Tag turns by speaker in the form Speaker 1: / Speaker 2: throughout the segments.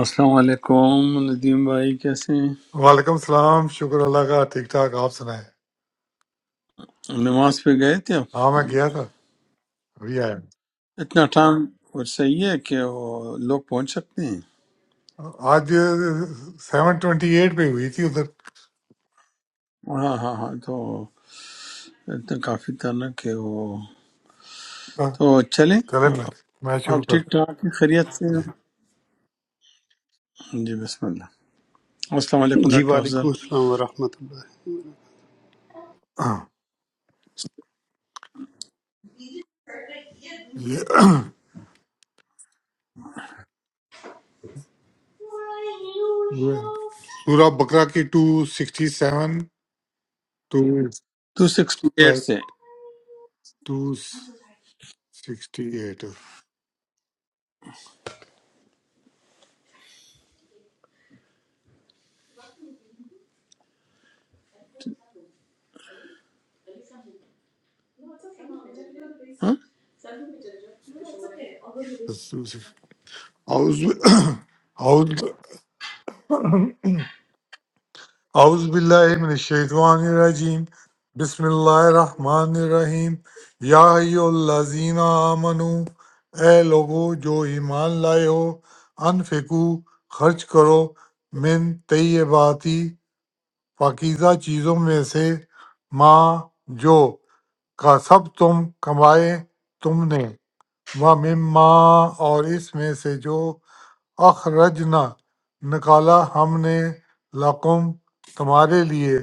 Speaker 1: السلام علیکم ندیم بھائی کیسے ہیں
Speaker 2: وعلیکم السلام شکر اللہ کا ٹھیک ٹھاک آپ سنائیں
Speaker 1: نماز پہ گئے تھے آپ
Speaker 2: ہاں میں گیا تھا ابھی آیا
Speaker 1: اتنا ٹائم اور صحیح ہے کہ وہ لوگ پہنچ سکتے ہیں
Speaker 2: ہوں۔ آج سیون ٹوینٹی ایٹ پہ ہوئی تھی ادھر
Speaker 1: ہاں ہاں ہاں تو اتنا کافی تھا نا کہ وہ
Speaker 2: ہاں،
Speaker 1: تو چلیں
Speaker 2: کریں میں
Speaker 1: آپ
Speaker 2: میں شروع
Speaker 1: ٹھیک
Speaker 2: کرتا
Speaker 1: ٹھاک ہیں؟ خیریت سے ہیں؟ جی بسم اللہ السلام علیکم
Speaker 3: جی
Speaker 1: ڈاکٹر افضل
Speaker 3: وعلیکم السلام ورحمۃ
Speaker 2: ہوں۔ یہ یہ سورہ بقرہ کی two sixty seven two
Speaker 1: two sixty eight سے
Speaker 2: ٹو سکسٹی ایٹ
Speaker 1: ہاں؟
Speaker 2: اعوذ اعوذ باللہ من الشیطان الرجیم بسم اللہ الرحمن الرحیم یا ایو الذین آمنو اے لوگو جو ایمان لائے ہو انفقو خرچ کرو من طیباتی پاکیزہ چیزوں میں سے ما جو کا سب تم کمائے تم نے و مما اور اس میں سے جو اخرجنا نکالا ہم نے لقم تمہارے لیے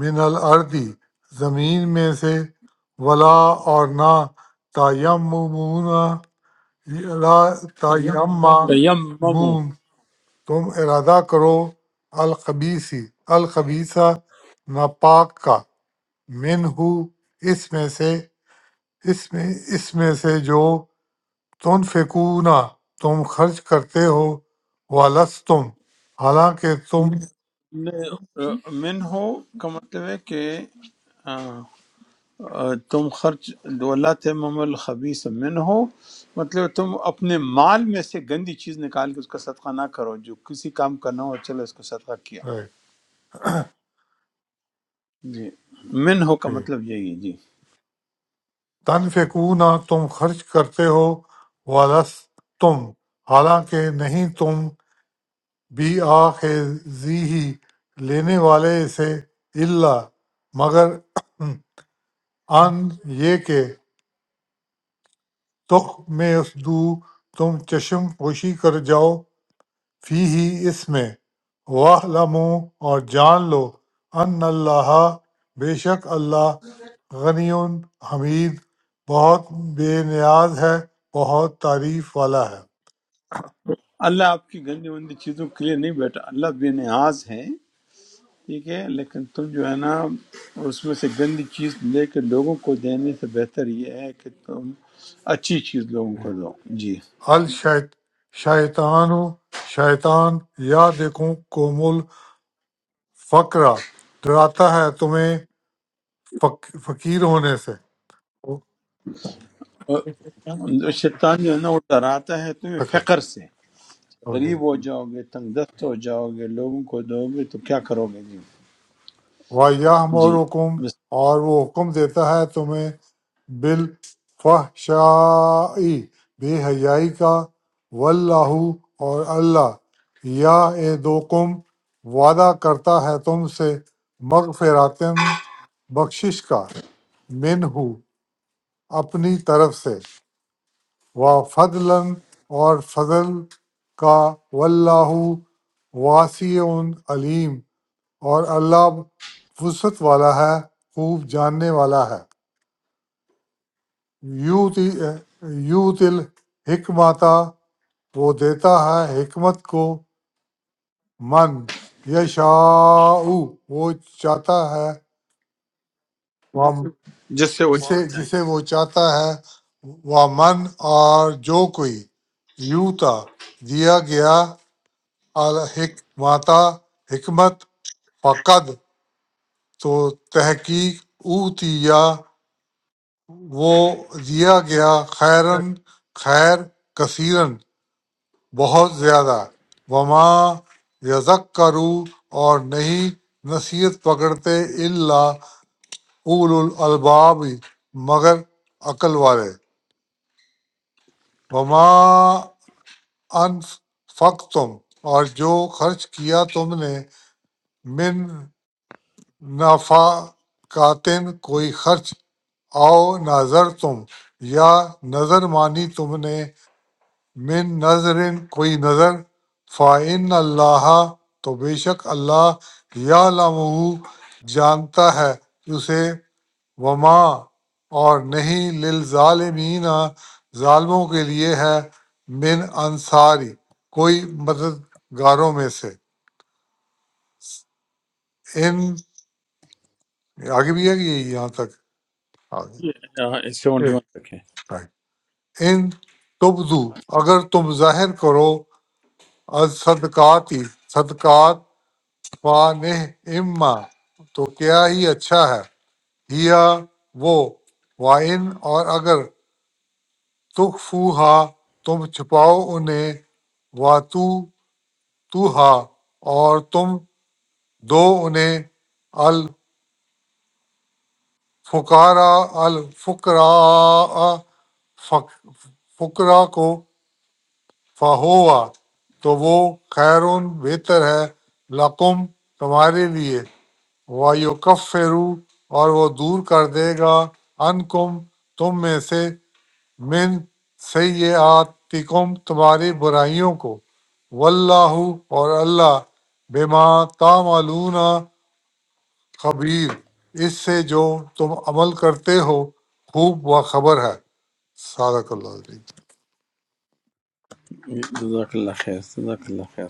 Speaker 2: من الارضی زمین میں سے ولا اور نہ تیممون لا تیمہ
Speaker 1: تیمم
Speaker 2: مون تم ارادہ کرو الخبیسی الخبیسہ ناپاک کا من ہو اس میں سے اس میں اس میں سے جو تنفقون تم خرچ کرتے ہو ولستم حالانکہ تم
Speaker 1: نہیں من ہو کا مطلب ہے کہ آ، آ، تم خرچ ولا تم الخبیث من ہو مطلب تم اپنے مال میں سے گندی چیز نکال کے اس کا صدقہ نہ کرو جو کسی کام کا نہ ہو چلو اس کو صدقہ کیا جی من ہو کا مطلب یہی ہے جی
Speaker 2: تنفقون تم خرچ کرتے ہو ولستم حالانکہ نہیں تم بھی ہی لینے والے سے الا مگر ان یہ کہ تخ میں اس دو تم چشم پوشی کر جاؤ فی ہی اس میں واہلموں اور جان لو ان اللہ بے شک اللہ غنی حمید بہت بے نیاز ہے بہت تعریف والا ہے
Speaker 1: اللہ آپ کی گندی وندی چیزوں کے لیے نہیں بیٹھا اللہ بے نیاز ہے ٹھیک ہے لیکن تم جو ہے نا اس میں سے گندی چیز لے کے لوگوں کو دینے سے بہتر یہ ہے کہ تم اچھی چیز لوگوں کو دو جی
Speaker 2: الشیط شیطان شیطان یا دیکھوں کومل فقرہ ڈراتا ہے تمہیں فق- فقیر ہونے سے
Speaker 1: اور شیطان جو ہے نا وہ ڈراتا ہے تمہیں
Speaker 2: فقر
Speaker 1: فقر سے
Speaker 2: اوکے
Speaker 1: غریب ہو جاؤ گے تنگ دست ہو جاؤ گے لوگوں کو دو گے تو کیا کرو گے جی
Speaker 2: و یا
Speaker 1: جی بس
Speaker 2: اور وہ حکم دیتا ہے تمہیں بالفحشاء بے حیائی کا واللہ اور اللہ یا اے دوکم وعدہ کرتا ہے تم سے مغفراتن بخشش کا منہ اپنی طرف سے و فضلن اور فضل کا واللہ واسی علیم اور اللہ وسعت والا ہے خوب جاننے والا ہے یوتی یوت الحکمتا وہ دیتا ہے حکمت کو من یشاء وہ چاہتا ہے وہ
Speaker 1: جس سے وہ
Speaker 2: جسے
Speaker 1: چاہتا ہے
Speaker 2: جسے وہ چاہتا ہے وہ من اور جو کوئی یوتا دیا گیا الحکمتا حکمت فقد تو تحقیق اوتیا وہ دیا گیا خیرن خیر کثیرن بہت زیادہ وما یذکروا اور نہیں نصیحت پکڑتے الا اول الالباب مگر عقل والے وما انفقتم اور جو خرچ کیا تم نے من نفقاتن کوئی خرچ او نظر تم یا نظر مانی تم نے من نظر کوئی نظر فعن اللہ تو بے شک اللہ یا جانتا ہے اسے وما اور نہیں للظالمین ظالموں کے لیے ہے من انصاری کوئی مددگاروں میں سے ان آگے بھی ہے کہ یہ یہاں تک آگے
Speaker 1: آہ، اس سے اونلی
Speaker 2: ایک
Speaker 1: ون رکھیں
Speaker 2: سیکنڈ۔ ان تبدو اگر تم ظاہر کرو از صدقات ہی فانح اما تو کیا ہی اچھا ہے ہیا وہ وائن اور اگر تخفوہا تم چھپاؤ انہیں واتو توہا اور تم دو انہیں الفقارا الفقرا فق- فقرا کو فہوا تو وہ خیرون بہتر ہے لقم تمہارے لیے وَيُكَفِّرُ اور وہ دور کر دے گا عَنْکُم تم میں سے مِن سَیِّئَاتِکُم تمہاری برائیوں کو واللہ اور اللہ بما تعملون خبیر اس سے جو تم عمل کرتے ہو خوب و خبر ہے صادق اللہ علیہ
Speaker 1: جزاک اللہ خیر جزاک اللہ خیر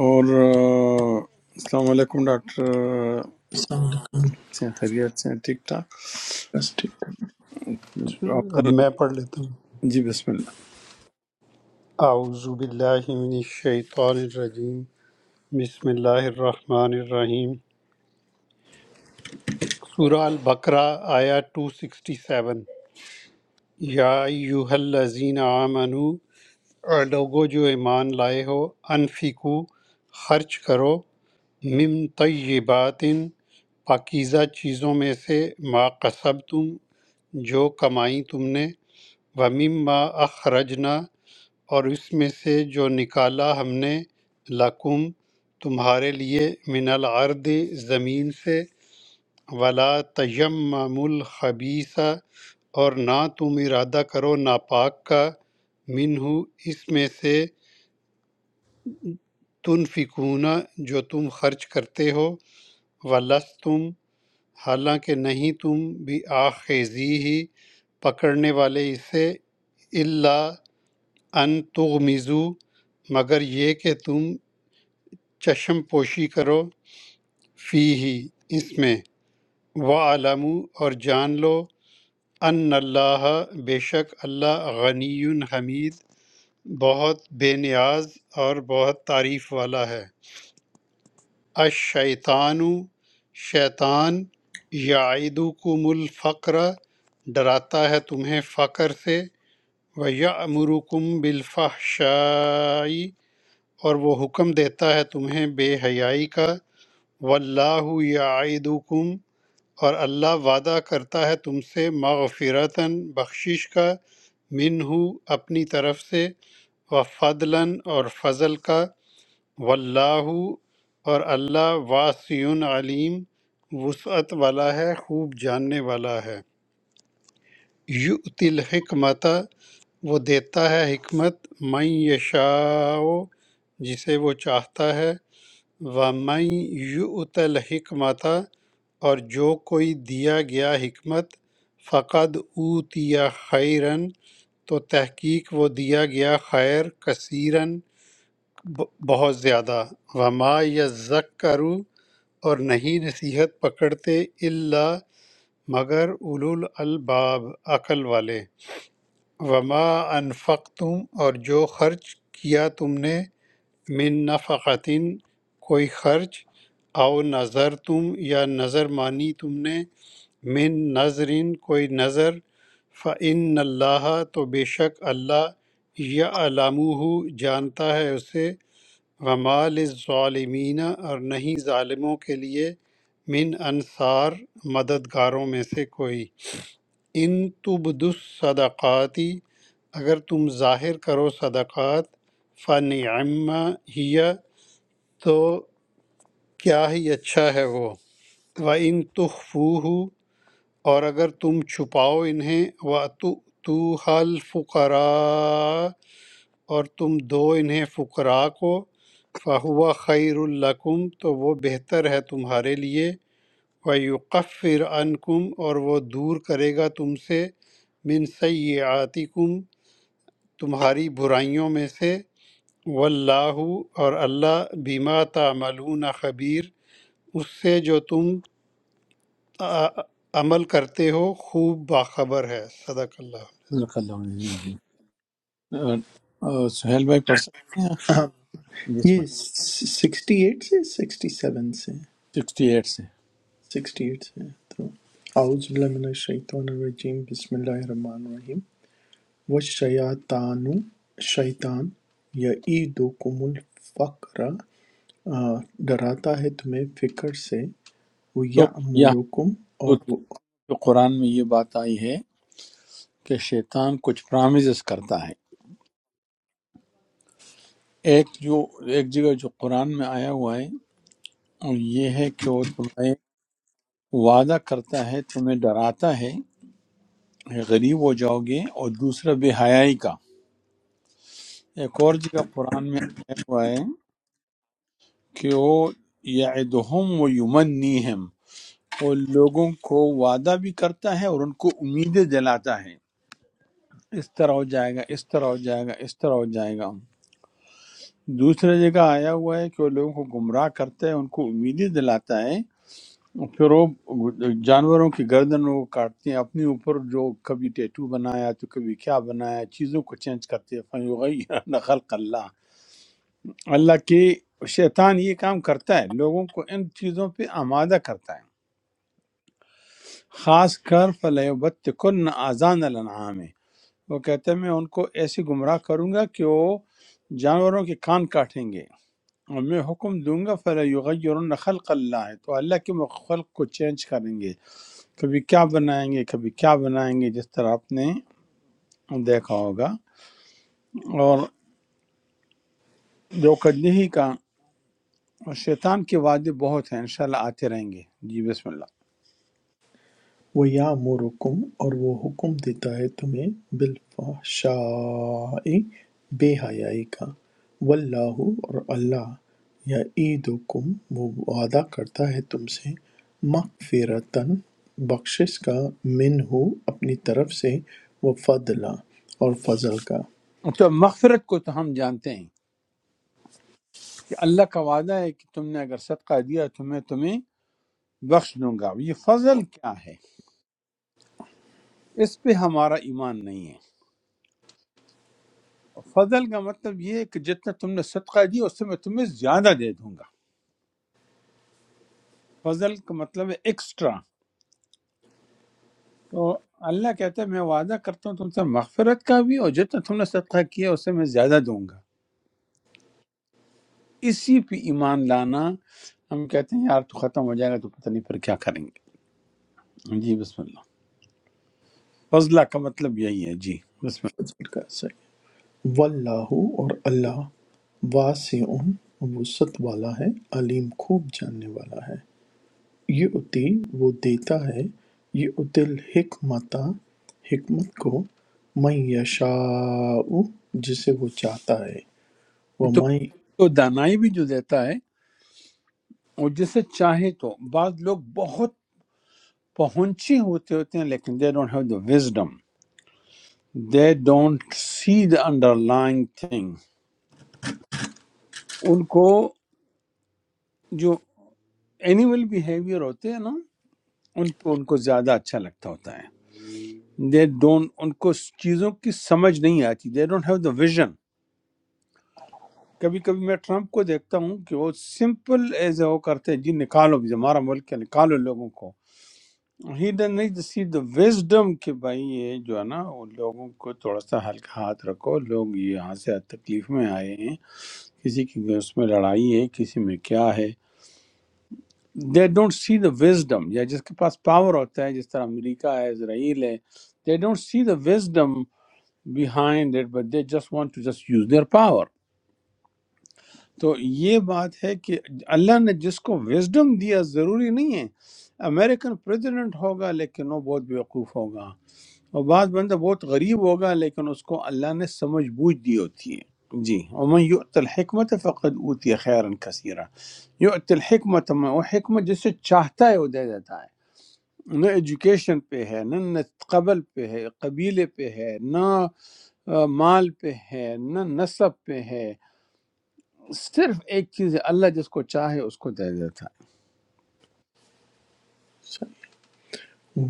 Speaker 1: اور آہ، السلام علیکم ڈاکٹر
Speaker 4: السلام علیکم
Speaker 1: سے ہیں، خیریت سے ہیں، ٹھیک ٹھاک
Speaker 4: Trusted۔
Speaker 1: آپ
Speaker 3: اللہ اب
Speaker 1: سر-
Speaker 3: میں پڑھ لیتا ہوں
Speaker 1: جی بسم اللہ
Speaker 3: اعوذ باللہ من الشیطان الرجیم بسم اللہ الرحمن الرحیم سورہ البقرہ آیا 267 یا ایوہ الذین آمنو اے لوگو جو ایمان لائے ہو انفقو خرچ کرو من طیبات پاکیزہ چیزوں میں سے ما قصب تم جو کمائی تم نے ومما اخرجنا اور اس میں سے جو نکالا ہم نے لکم تمہارے لیے من الارض زمین سے ولا تیمم الخبیثہ اور نہ تم ارادہ کرو ناپاک کا منہ اس میں سے تنفکون جو تم خرچ کرتے ہو ولستم حالانکہ نہیں تم بھی آخیزی ہی پکڑنے والے اسے اللہ ان تغمزو مگر یہ کہ تم چشم پوشی کرو فی ہی اس میں وعلمو اور جان لو ان اللہ بے شک اللہ غنی حمید بہت بے نیاز اور بہت تعریف والا ہے الشیطان شیطان یعیدکم الفقر ڈراتا ہے تمہیں فقر سے وَيَأْمُرُكُمْ بِالْفَحْشَاءِ اور وہ حکم دیتا ہے تمہیں بے حیائی کا واللہ یعیدکم اور اللہ وعدہ کرتا ہے تم سے مغفرتاً بخشش کا منہ اپنی طرف سے و فضلاً اور فضل کا واللہ اور اللہ واسع علیم وسعت والا ہے خوب جاننے والا ہے یؤتی الحکمت وہ دیتا ہے حکمت من یشاء جسے وہ چاہتا ہے و من یؤت الحکمت اور جو کوئی دیا گیا حکمت فقد اوتیا خیرن تو تحقیق وہ دیا گیا خیر کثیرن بہت زیادہ وما یذکروا اور نہیں نصیحت پکڑتے الا مگر اولو الالباب عقل والے وما انفقتم اور جو خرچ کیا تم نے من نفقتن کوئی خرچ او نظر تم یا نظر مانی تم نے من نظرن کوئی نظر فعن اللہ تو بے شک اللہ یا علامہ جانتا ہے اسے ومال ظالمین اور نہیں ظالموں کے لیے من انصار مددگاروں میں سے کوئی ان تبدس صدقاتی اگر تم ظاہر کرو صدقات فنعما ہی تو کیا ہی اچھا ہے وہ وَإِن تُخْفُوهُ اور اگر تم چھپاؤ انہیں وَأَتُؤْتُوهَا الْفُقَرَاءَ اور تم دو انہیں فقراء کو فَهُوَ خَيْرٌ لَكُمْ تو وہ بہتر ہے تمہارے لیے وَيُكَفِّرْ عَنْكُمْ اور وہ دور کرے گا تم سے من سیئاتکم تمہاری برائیوں میں سے واللہ اور اللہ بما تعملون خبیر اس سے جو تم آ- عمل کرتے ہو خوب باخبر ہے صدق اللہ
Speaker 1: جزاک اللہ خیر، جی آہ، آہ، سہیل بھائی پڑھ سکتے ہیں
Speaker 4: ہاں،
Speaker 1: بسم
Speaker 4: یہ سکسٹی ایٹ سے سکسٹی سیون سے
Speaker 1: اللہ سکسٹی ایٹ سے
Speaker 4: سکسٹی ایٹ سے تو اعوذ باللہ من الشیطان الرجیم بسم اللہ الرحمن الرحیم والشیاطان شیطان یعیدکم الفقر آ، ڈراتا ہے تمہیں فکر سے وہ
Speaker 1: تو یہاں
Speaker 4: یعمرکم اور
Speaker 1: جو قرآن میں یہ بات آئی ہے کہ شیطان کچھ پرامزز کرتا ہے ایک جو ایک جگہ جو قرآن میں آیا ہوا ہے اور یہ ہے کہ وہ تمہیں وعدہ کرتا ہے تمہیں ڈراتا ہے غریب ہو جاؤ گے اور دوسرا بے حیائی کا ایک اور جگہ قرآن میں آیا ہوا ہے کہ وہ یعدہم و یمنیہم وہ لوگوں کو وعدہ بھی کرتا ہے اور ان کو امیدیں دلاتا ہے اس طرح ہو جائے گا اس طرح ہو جائے گا اس طرح ہو جائے گا دوسرے جگہ آیا ہوا ہے کہ وہ لوگوں کو گمراہ کرتا ہے ان کو امیدیں دلاتا ہے اور پھر وہ جانوروں کی گردنوں کو کاٹتے ہیں اپنے اوپر جو کبھی ٹیٹو بنایا تو کبھی کیا بنایا چیزوں کو چینج کرتے ہیں فَيُغَيِّرَنَّ خلق اللہ اللہ کے شیطان یہ کام کرتا ہے لوگوں کو ان چیزوں پہ آمادہ کرتا ہے خاص کر فَلَيُبَتِّكُنَّ آزان الانعام وہ کہتے ہیں میں ان کو ایسے گمراہ کروں گا کہ وہ جانوروں کے کان کاٹیں گے اور میں حکم دوں گا فَلَيُغَيِّرُنَّ خلق اللہ تو اللہ کے مخ- خلق کو چینج کریں گے کبھی کیا بنائیں گے کبھی کیا بنائیں گے جس طرح آپ نے دیکھا ہوگا اور جو ہی کا شیطان کے وعدے بہت ہیں انشاءاللہ آتے رہیں گے جی بسم اللہ
Speaker 4: وَیَأْمُرُکُمْ اور وہ حکم دیتا ہے تمہیں بِالْفَحْشَاءِ بے حیائی کا وَاللَّهُ اور اللہ یعیدکم وہ وعدہ کرتا ہے تم سے مغفرتن بخشش کا منہ اپنی طرف سے وہ فضلا اور فضل کا
Speaker 1: تو مغفرت کو تو ہم جانتے ہیں کہ اللہ کا وعدہ ہے کہ تم نے اگر صدقہ دیا تو میں تمہیں بخش دوں گا یہ فضل کیا ہے اس پہ ہمارا ایمان نہیں ہے فضل کا مطلب یہ ہے کہ جتنا تم نے صدقہ دیا اس سے میں تمہیں زیادہ دے دوں گا فضل کا مطلب ہے ایکسٹرا تو اللہ کہتا ہے میں وعدہ کرتا ہوں تم سے مغفرت کا بھی اور جتنا تم نے صدقہ کیا اس سے میں زیادہ دوں گا اسی پہ ایمان لانا ہم کہتے ہیں یار تو ختم ہو جائے گا تو پتہ نہیں پھر کیا کریں گے جی بسم اللہ فضلہ کا مطلب یہی ہے جی بسم
Speaker 4: فضل کا صحیح واللہ اور اللہ واسع وسط والا ہے علیم خوب جاننے والا ہے یہ عطیٰ وہ دیتا ہے یہ اُتی الحکمتہ حکمت کو من یشاء جسے وہ چاہتا ہے
Speaker 1: اللہ تو
Speaker 4: وَمَن
Speaker 1: تو دانائی بھی جو دیتا ہے وہ جسے چاہے تو بعض لوگ بہت پہنچے ہوتے ہوتے ہیں لیکن they don't have the wisdom they don't see the underline thing ان کو جو اینیمل بیہیویئر ہوتے ہیں نا ان پہ ان کو زیادہ اچھا لگتا ہوتا ہے دے ڈونٹ ان کو اس چیزوں کی سمجھ نہیں آتی they don't have the vision کبھی کبھی میں ٹرمپ کو دیکھتا ہوں کہ وہ سمپل ایز اے وہ کرتے ہیں جی نکالو بھی ہمارا ملک ہے نکالو لوگوں کو ہی ڈن نہیں سی دا وزڈم کہ بھائی یہ جو ہے نا وہ لوگوں کو تھوڑا سا ہلکا ہاتھ رکھو لوگ یہاں سے تکلیف میں آئے ہیں کسی کی اس میں لڑائی ہے کسی میں کیا ہے they don't see the wisdom یا جس کے پاس پاور ہوتا ہے جس طرح امریکہ ہے اسرائیل ہے they don't see the wisdom behind it but they just want to just use their power تو یہ بات ہے کہ اللہ نے جس کو وزڈم دیا ضروری نہیں ہے امریکن پریزیڈنٹ ہوگا لیکن وہ بہت بیوقوف ہوگا اور بعض بندہ بہت غریب ہوگا لیکن اس کو اللہ نے سمجھ بوجھ دی ہوتی ہے جی ومن یؤت الحکمت فقد اوتی خیرا کثیرا یؤت الحکمت میں وہ حکمت جسے چاہتا ہے وہ دے دیتا ہے نہ ایجوکیشن پہ ہے نہ نہ قبل پہ ہے قبیلے پہ ہے نہ آ، مال پہ ہے نہ نسب پہ ہے صرف ایک چیز ہے اللہ جس کو چاہے اس کو دے دیتا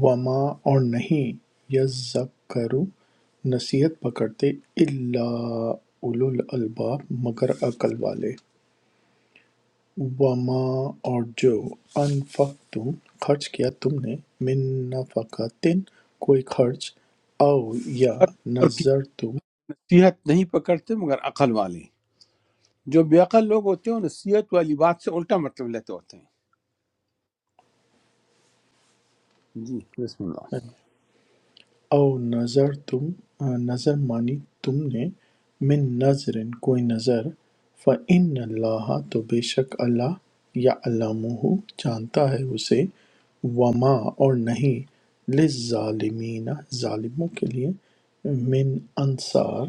Speaker 4: وما اور نہیں یذکر نصیحت پکڑتے الا اولو الالباب مگر عقل والے وما اور جو انفقتم خرچ کیا تم نے من نفقتن کوئی خرچ او یا
Speaker 1: ہے اور کی
Speaker 4: نظر تم
Speaker 1: نصیحت نہیں پکڑتے مگر عقل والے جو بے عقل لوگ ہوتے ہیں وہ نصیحت والی بات سے الٹا مطلب لیتے ہوتے ہیں جی بسم اللہ
Speaker 4: او نظر تم نظر مانی تم نے من نظرٍ کوئی نظر فإن اللہ تو بے شک اللہ یعلمہ جانتا ہے اسے وما اور نہیں للظالمین ظالموں کے لیے من انصار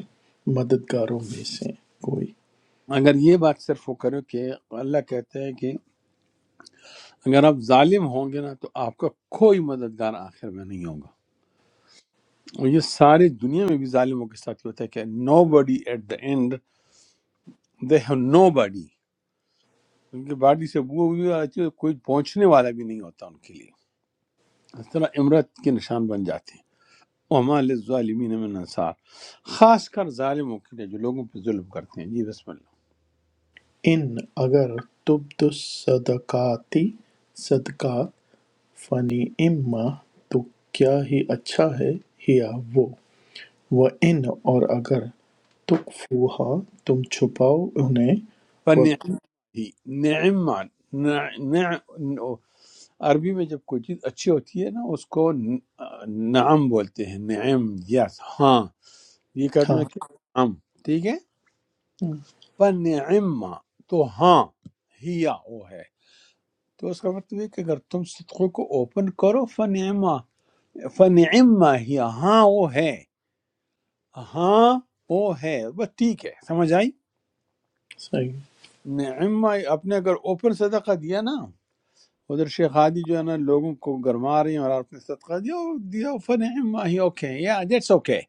Speaker 4: مددگاروں میں سے کوئی
Speaker 1: اگر یہ بات صرف وہ کرو کہ اللہ کہتے ہیں کہ اگر آپ ظالم ہوں گے نا تو آپ کا کوئی مددگار آخر میں نہیں ہوگا اور یہ سارے دنیا میں بھی ظالموں کے ساتھ ہی ہوتا ہے کہ nobody at the end they have nobody ان کی باڈی سے بو بھی آتی ہے کوئی پہنچنے والا بھی نہیں ہوتا ان کے لیے اس طرح امرت کے نشان بن جاتے ہیں وما للظالمین من انصار خاص کر ظالموں کے لیے جو لوگوں پہ ظلم کرتے ہیں جی بسم اللہ
Speaker 4: ان اگر تبد صدقاتی صدقات فنی اما تو کیا ہی اچھا ہے ہیا وہ وَإِنْ اور اگر تُخْفُوہا تم چھپاؤ انہیں
Speaker 1: فنعی
Speaker 4: وَتُؤْتُوہا
Speaker 1: نعم نعم نعم- عربی میں جب کوئی چیز اچھی ہوتی ہے نا اس کو ن- نعم بولتے ہیں نعم یس ہاں یہ کلمہ
Speaker 4: ہاں
Speaker 1: ہے کہ نعم ٹھیک ہے
Speaker 4: ہم،
Speaker 1: فَنِعِمَّا تو ہاں ہی وہ ہے تو اس کا مطلب یہ کہ اگر تم صدقوں کو اوپن کرو فَنِعِمَّا فَنِعِمَّا ہی ہاں وہ ہے ہاں وہ ہے بس ٹھیک ہے سمجھ آئی
Speaker 4: صحیح
Speaker 1: نعمہ آپ نے اگر اوپن صدقہ دیا نا ادھر شیخ ہادی جو ہے نا لوگوں کو گرما رہی ہیں اور آپ نے صدقہ دیا وہ دیا فَنِعِمَّا ہی اوکے یا دیٹس اوکے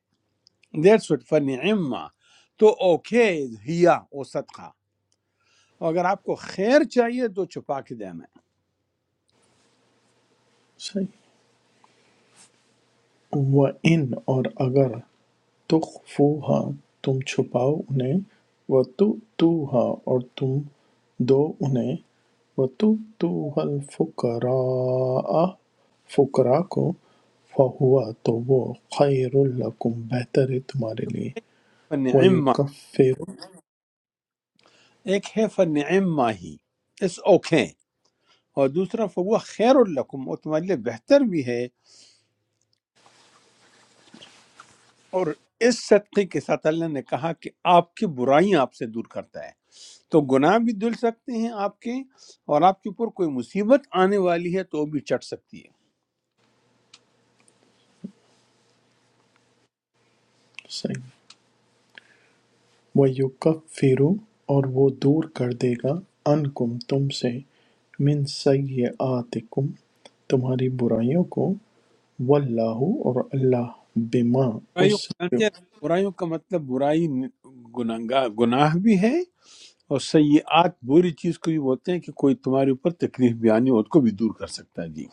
Speaker 1: دیٹس وٹ فَنِعِمَّا تو اوکے ہیا وہ صدقہ اور اگر آپ کو خیر چاہیے تو چھپا کے دینا ہے
Speaker 4: صحیح وَإِنْ اور اگر تُخْفُوہا تم چھپاؤ انہیں وَتُؤْتُوہا اور تم دو انہیں وَتُؤْتُوهَا الْفُقَرَاءَ فقراء کو فَهُوَ تو وہ خَيْرٌ لَكُمْ بہتر ہے تمہارے لیے
Speaker 1: فَنِعِمَّا
Speaker 4: وَيُكَفِّرُ
Speaker 1: ایک ہے فنعم ہی اس اوکے اور دوسرا فہو خیر الکم وہ تمہارے لیے بہتر بھی ہے اور اس صدقے کے ساتھ اللہ نے کہا کہ آپ کی برائیاں آپ سے دور کرتا ہے تو گناہ بھی دل سکتے ہیں آپ کے اور آپ کے اوپر کوئی مصیبت آنے والی ہے تو وہ بھی چٹ سکتی ہے
Speaker 4: وَیُکَفِّرُ اور وہ دور کر دے گا عَنْکُم تم سے مِن سَیِّئَاتِکُم تمہاری برائیوں کو وَاللَّہُ اور اللہ بِمَا اس
Speaker 1: برائیوں کو
Speaker 4: سے
Speaker 1: جانتے ہیں برائیوں کا مطلب برائی گناہ گناہ بھی ہے اور سیئات بری چیز کو یہ بولتے ہیں کہ کوئی تمہارے اوپر تکلیف بھی آنی ہو اس کو بھی دور کر سکتا ہے جی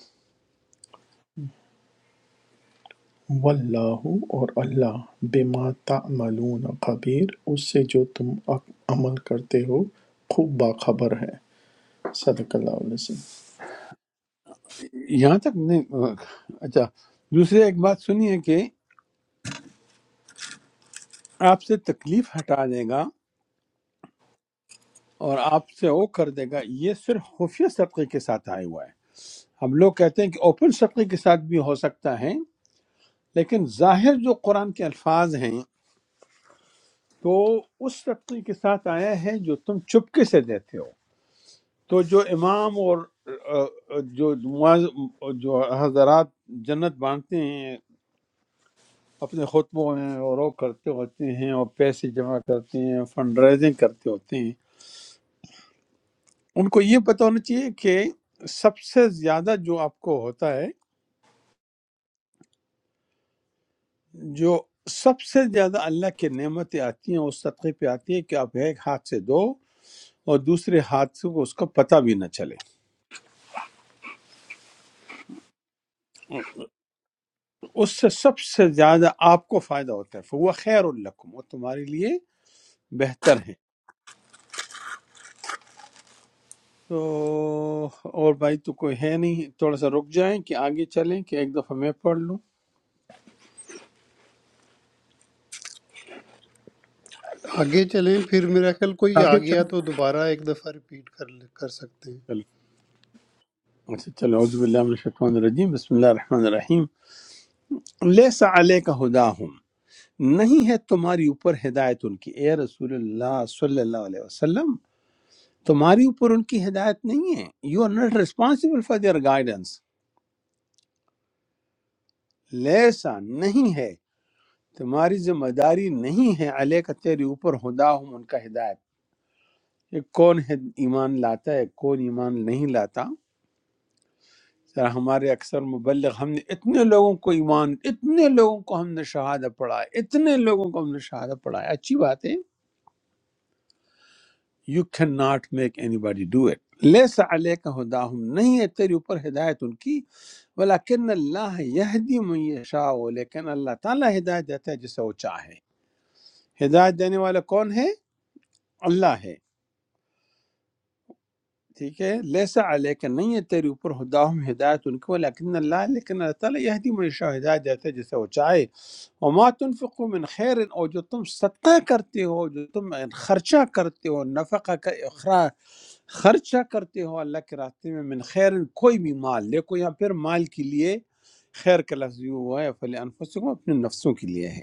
Speaker 4: وَاللَّہُ اور اللہ بِمَا تَعْمَلُونَ خبیر اس سے جو تم عق- عمل کرتے ہو خوب باخبر ہے صدق اللہ علیہ وسلم
Speaker 1: یہاں تک نے اچھا دوسری ایک بات سنی ہے کہ آپ سے تکلیف ہٹا دے گا اور آپ سے وہ کر دے گا یہ صرف خفیہ صدقے کے ساتھ آئے ہوا ہے ہم لوگ کہتے ہیں کہ اوپن صدقے کے ساتھ بھی ہو سکتا ہے لیکن ظاہر جو قرآن کے الفاظ ہیں تو اس صدقے کے ساتھ آیا ہے جو تم چپکے سے دیتے ہو تو جو امام اور آ، آ، جو معاذ- جو حضرات جنت بانٹتے ہیں اپنے خطبوں میں اور وہ کرتے ہوتے ہیں اور پیسے جمع کرتے ہیں فنڈ ریزنگ کرتے ہوتے ہیں ان کو یہ پتہ ہونا چاہیے کہ سب سے زیادہ جو آپ کو ہوتا ہے جو سب سے زیادہ اللہ کی نعمتیں آتی ہیں اس صدقے پہ آتی ہے کہ آپ ایک ہاتھ سے دو اور دوسرے ہاتھ سے کو اس کا پتہ بھی نہ چلے اس سے سب سے زیادہ آپ کو فائدہ ہوتا ہے وہ خیر الکم وہ تمہارے لیے بہتر ہے تو اور بھائی تو کوئی ہے نہیں تھوڑا سا رک جائیں کہ آگے چلیں کہ ایک دفعہ میں پڑھ لوں
Speaker 3: آگے چلیں پھر میرا خیال کوئی آ گیا تو دوبارہ ایک دفعہ ریپیٹ کر لے- کر سکتے ہیں
Speaker 1: چلو اچھا چلو عزب اللہ من الشیطان الرجیم بسم اللہ الرحمن الرحیم لیسا علیہ کا ہدا نہیں ہے تمہاری اوپر ہدایت ان کی اے رسول اللہ صلی اللہ علیہ وسلم تمہاری اوپر ان کی ہدایت نہیں ہے you are not responsible for their guidance لیسا نہیں ہے تمہاری ذمہ داری نہیں ہے علیہ کا تیرے اوپر ہدا ان کا ہدایت کہ کون ہے ایمان لاتا ہے کون ایمان نہیں لاتا ذرا ہمارے اکثر مبلغ ہم نے اتنے لوگوں کو ایمان اتنے لوگوں کو ہم نے شہادہ پڑھایا اتنے لوگوں کو ہم نے شہادہ پڑھایا اچھی بات ہے you can not make anybody do it لیس علیہ کا ہدا نہیں ہے تیرے اوپر ہدایت ان کی ولیکن اللہ یہدی من یشاء لیکن اللہ تعالی ہدایت دیتا ہے جسے وہ چاہے ہدایت دینے والا کون ہے اللہ ہے ٹھیک ہے لیسا علیک نہیں ہے تیرے اوپر ہداہم ہدایت ان کو لیکن اللہ لیکن اللہ تعالیٰ یہدی من یشاء ہدایت دیتا ہے جسے وہ چاہے وما تنفقوا من خیر اور جو تم صدقہ کرتے ہو جو تم خرچہ کرتے ہو نفقہ کا اخراج خرچہ کرتے ہو اللہ کے راستے میں من خیر کوئی بھی مال دیکھو یہاں پھر مال کے لیے خیر کا لفظ یوں ہوا ہے فل انفسکم اپنے نفسوں کے لیے ہے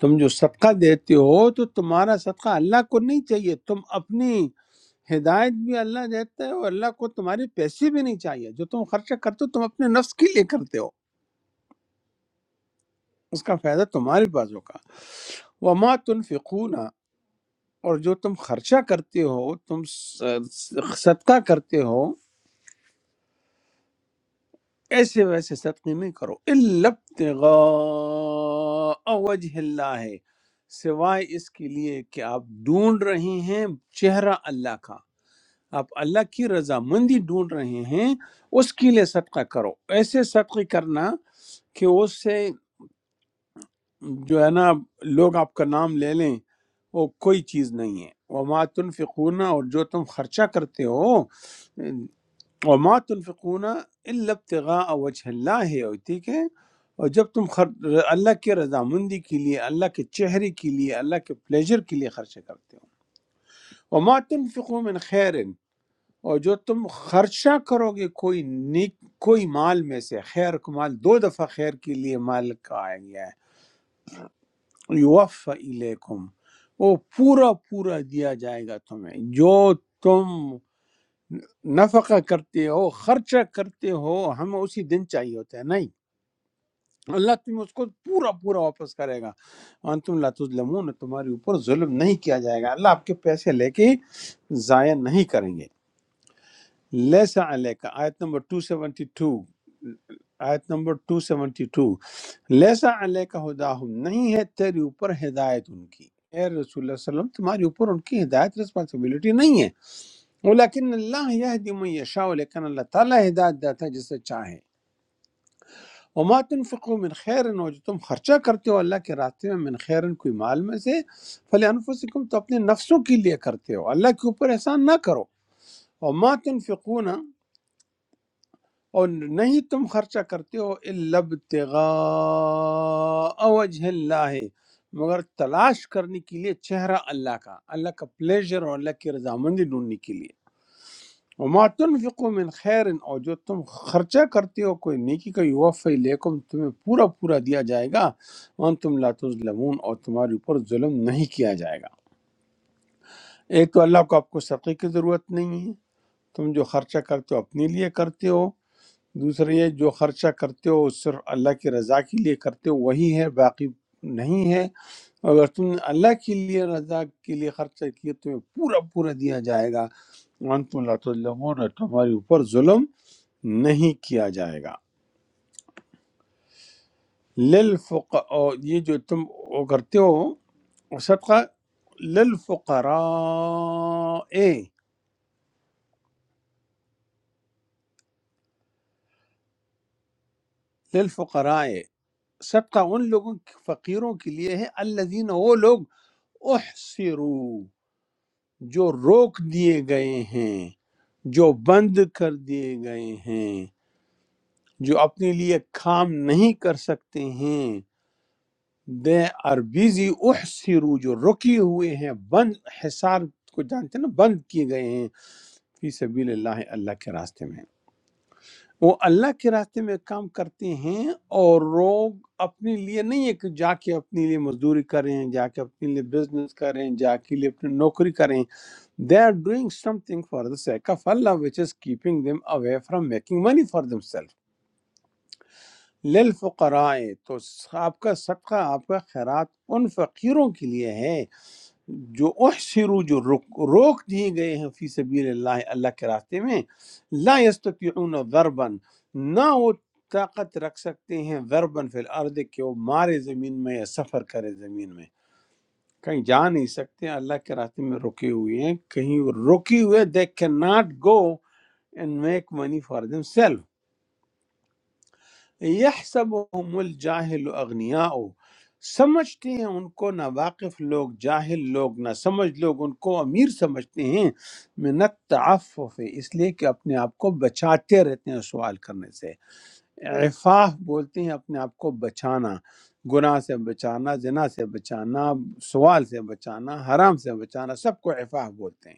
Speaker 1: تم جو صدقہ دیتے ہو تو تمہارا صدقہ اللہ کو نہیں چاہیے تم اپنی ہدایت بھی اللہ دیتا ہے اور اللہ کو تمہارے پیسے بھی نہیں چاہیے جو تم خرچہ کرتے ہو تم اپنے نفس کے لیے کرتے ہو اس کا فائدہ تمہارے پاس ہوگا وما تنفقون اور جو تم خرچہ کرتے ہو تم س- صدقہ کرتے ہو ایسے ویسے صدقے نہیں کرو الا ابتغاء وجہ اللہ ہے سوائے اس کے لیے کہ آپ ڈھونڈ رہے ہیں چہرہ اللہ کا آپ اللہ کی رضا مندی ڈھونڈ رہے ہیں اس کے لیے صدقہ کرو ایسے صدقے کرنا کہ اس سے جو ہے نا لوگ آپ کا نام لے لیں وہ کوئی چیز نہیں ہے وما تنفقون اور جو تم خرچہ کرتے ہو وما تنفقون الا ابتغاء وجه اللہ ہے اور ٹھیک ہے اور جب تم خر... اللہ کی رضامندی کے لیے اللہ کے چہرے کے لیے اللہ کے پلیجر کے لیے خرچہ کرتے ہو وما تنفقوا من خیر اور جو تم خرچہ کرو گے کوئی نیک کوئی مال میں سے خیر کا مال دو دفعہ خیر کے لیے مال کا آیا گیا ہے یوفا الیکم وہ پورا پورا دیا جائے گا تمہیں جو تم نفقہ کرتے ہو خرچہ کرتے ہو ہمیں اسی دن چاہیے ہوتا ہے نہیں اللہ تمہیں اس کو پورا پورا واپس کرے گا انتم لا تظلمون تمہارے اوپر ظلم نہیں کیا جائے گا اللہ آپ کے پیسے لے کے ضائع نہیں کریں گے لیسا علیکہ آیت نمبر 272 آیت نمبر 272 لیسا علیکہ ہداہم نہیں ہے تیرے اوپر ہدایت ان کی اے رسول اللہ صلی اللہ علیہ وسلم تمہاری اوپر ان کی ہدایت رسپانسبلٹی نہیں ہے ولیکن اللہ یہدی من یشاء لیکن اللہ تعالی ہدایت دیتا ہے جسے چاہے وما تنفقوا من خیر ہو جو تم خرچہ کرتے ہو اللہ کے راستے میں من خیر کوئی مال میں سے فلی انفسکم تو اپنے نفسوں کے لیے کرتے ہو اللہ کے اوپر احسان نہ کرو وما تنفقون اور نہیں تم خرچہ کرتے ہو البتغاء وجہ اللہ مگر تلاش کرنے کے لیے چہرہ اللہ کا اللہ کا پلیزر اور اللہ کی رضامندی ڈھونڈنے کے لیے وما تنفقوا من خیر اور جو تم خرچہ کرتے ہو کوئی نیکی کا یوفی لیکم تمہیں پورا پورا دیا جائے گا وان تم لا تظلمون اور تمہارے اوپر ظلم نہیں کیا جائے گا ایک تو اللہ کو آپ کو صدقے کی ضرورت نہیں ہے تم جو خرچہ کرتے ہو اپنے لیے کرتے ہو دوسرا یہ جو خرچہ کرتے ہو صرف اللہ کی رضا کے لیے کرتے ہو وہی ہے باقی نہیں ہے اگر تم نے اللہ کے لیے رضا کے لیے خرچہ کیا تمہیں پورا پورا دیا جائے گا وانتم لا تظلمون اور تمہارے اوپر ظلم نہیں کیا جائے گا للفق اور یہ جو تم وہ کرتے ہو صدقہ للفقراء للفقراء صدقہ ان لوگوں فقیروں کے لیے ہے الذین وہ لوگ احصروا جو روک دیے گئے ہیں جو بند کر دیے گئے ہیں جو اپنے لیے کام نہیں کر سکتے ہیں دے آر بیزی احسرو جو رکے ہوئے ہیں بند حصار کو جانتے ہیں نا بند کیے گئے ہیں فی سبیل اللہ اللہ کے راستے میں وہ اللہ کے راستے میں کام کرتے ہیں اور لوگ اپنے لیے نہیں ہے کہ جا کے اپنے لیے مزدوری کریں جا کے اپنے لیے بزنس کریں جا کے لیے اپنی نوکری کریں They are doing something for the sake of Allah, which is keeping them away from making money for themselves. للفقراء تو آپ کا صدقہ آپ کا خیرات ان فقیروں کے لیے ہے جو احسرو جو روک روک دیے گئے ہیں فی سبیل اللہ اللہ کے راستے میں لا یستطیعون ضربا نہ وہ طاقت رکھ سکتے ہیں ضربا فی الارض کہ وہ مارے زمین میں یا سفر کرے زمین میں کہیں جا نہیں سکتے اللہ کے راستے میں رکے ہوئے ہیں کہیں رکے ہوئے they can not go and make money for them self یحسبهم الجاہل اغنیاء سمجھتے ہیں ان کو ناواقف لوگ جاہل لوگ نہ سمجھ لوگ ان کو امیر سمجھتے ہیں من التعفف اس لیے کہ اپنے آپ کو بچاتے رہتے ہیں سوال کرنے سے عفاف بولتے ہیں اپنے آپ کو بچانا گناہ سے بچانا زنا سے بچانا سوال سے بچانا حرام سے بچانا سب کو عفاف بولتے ہیں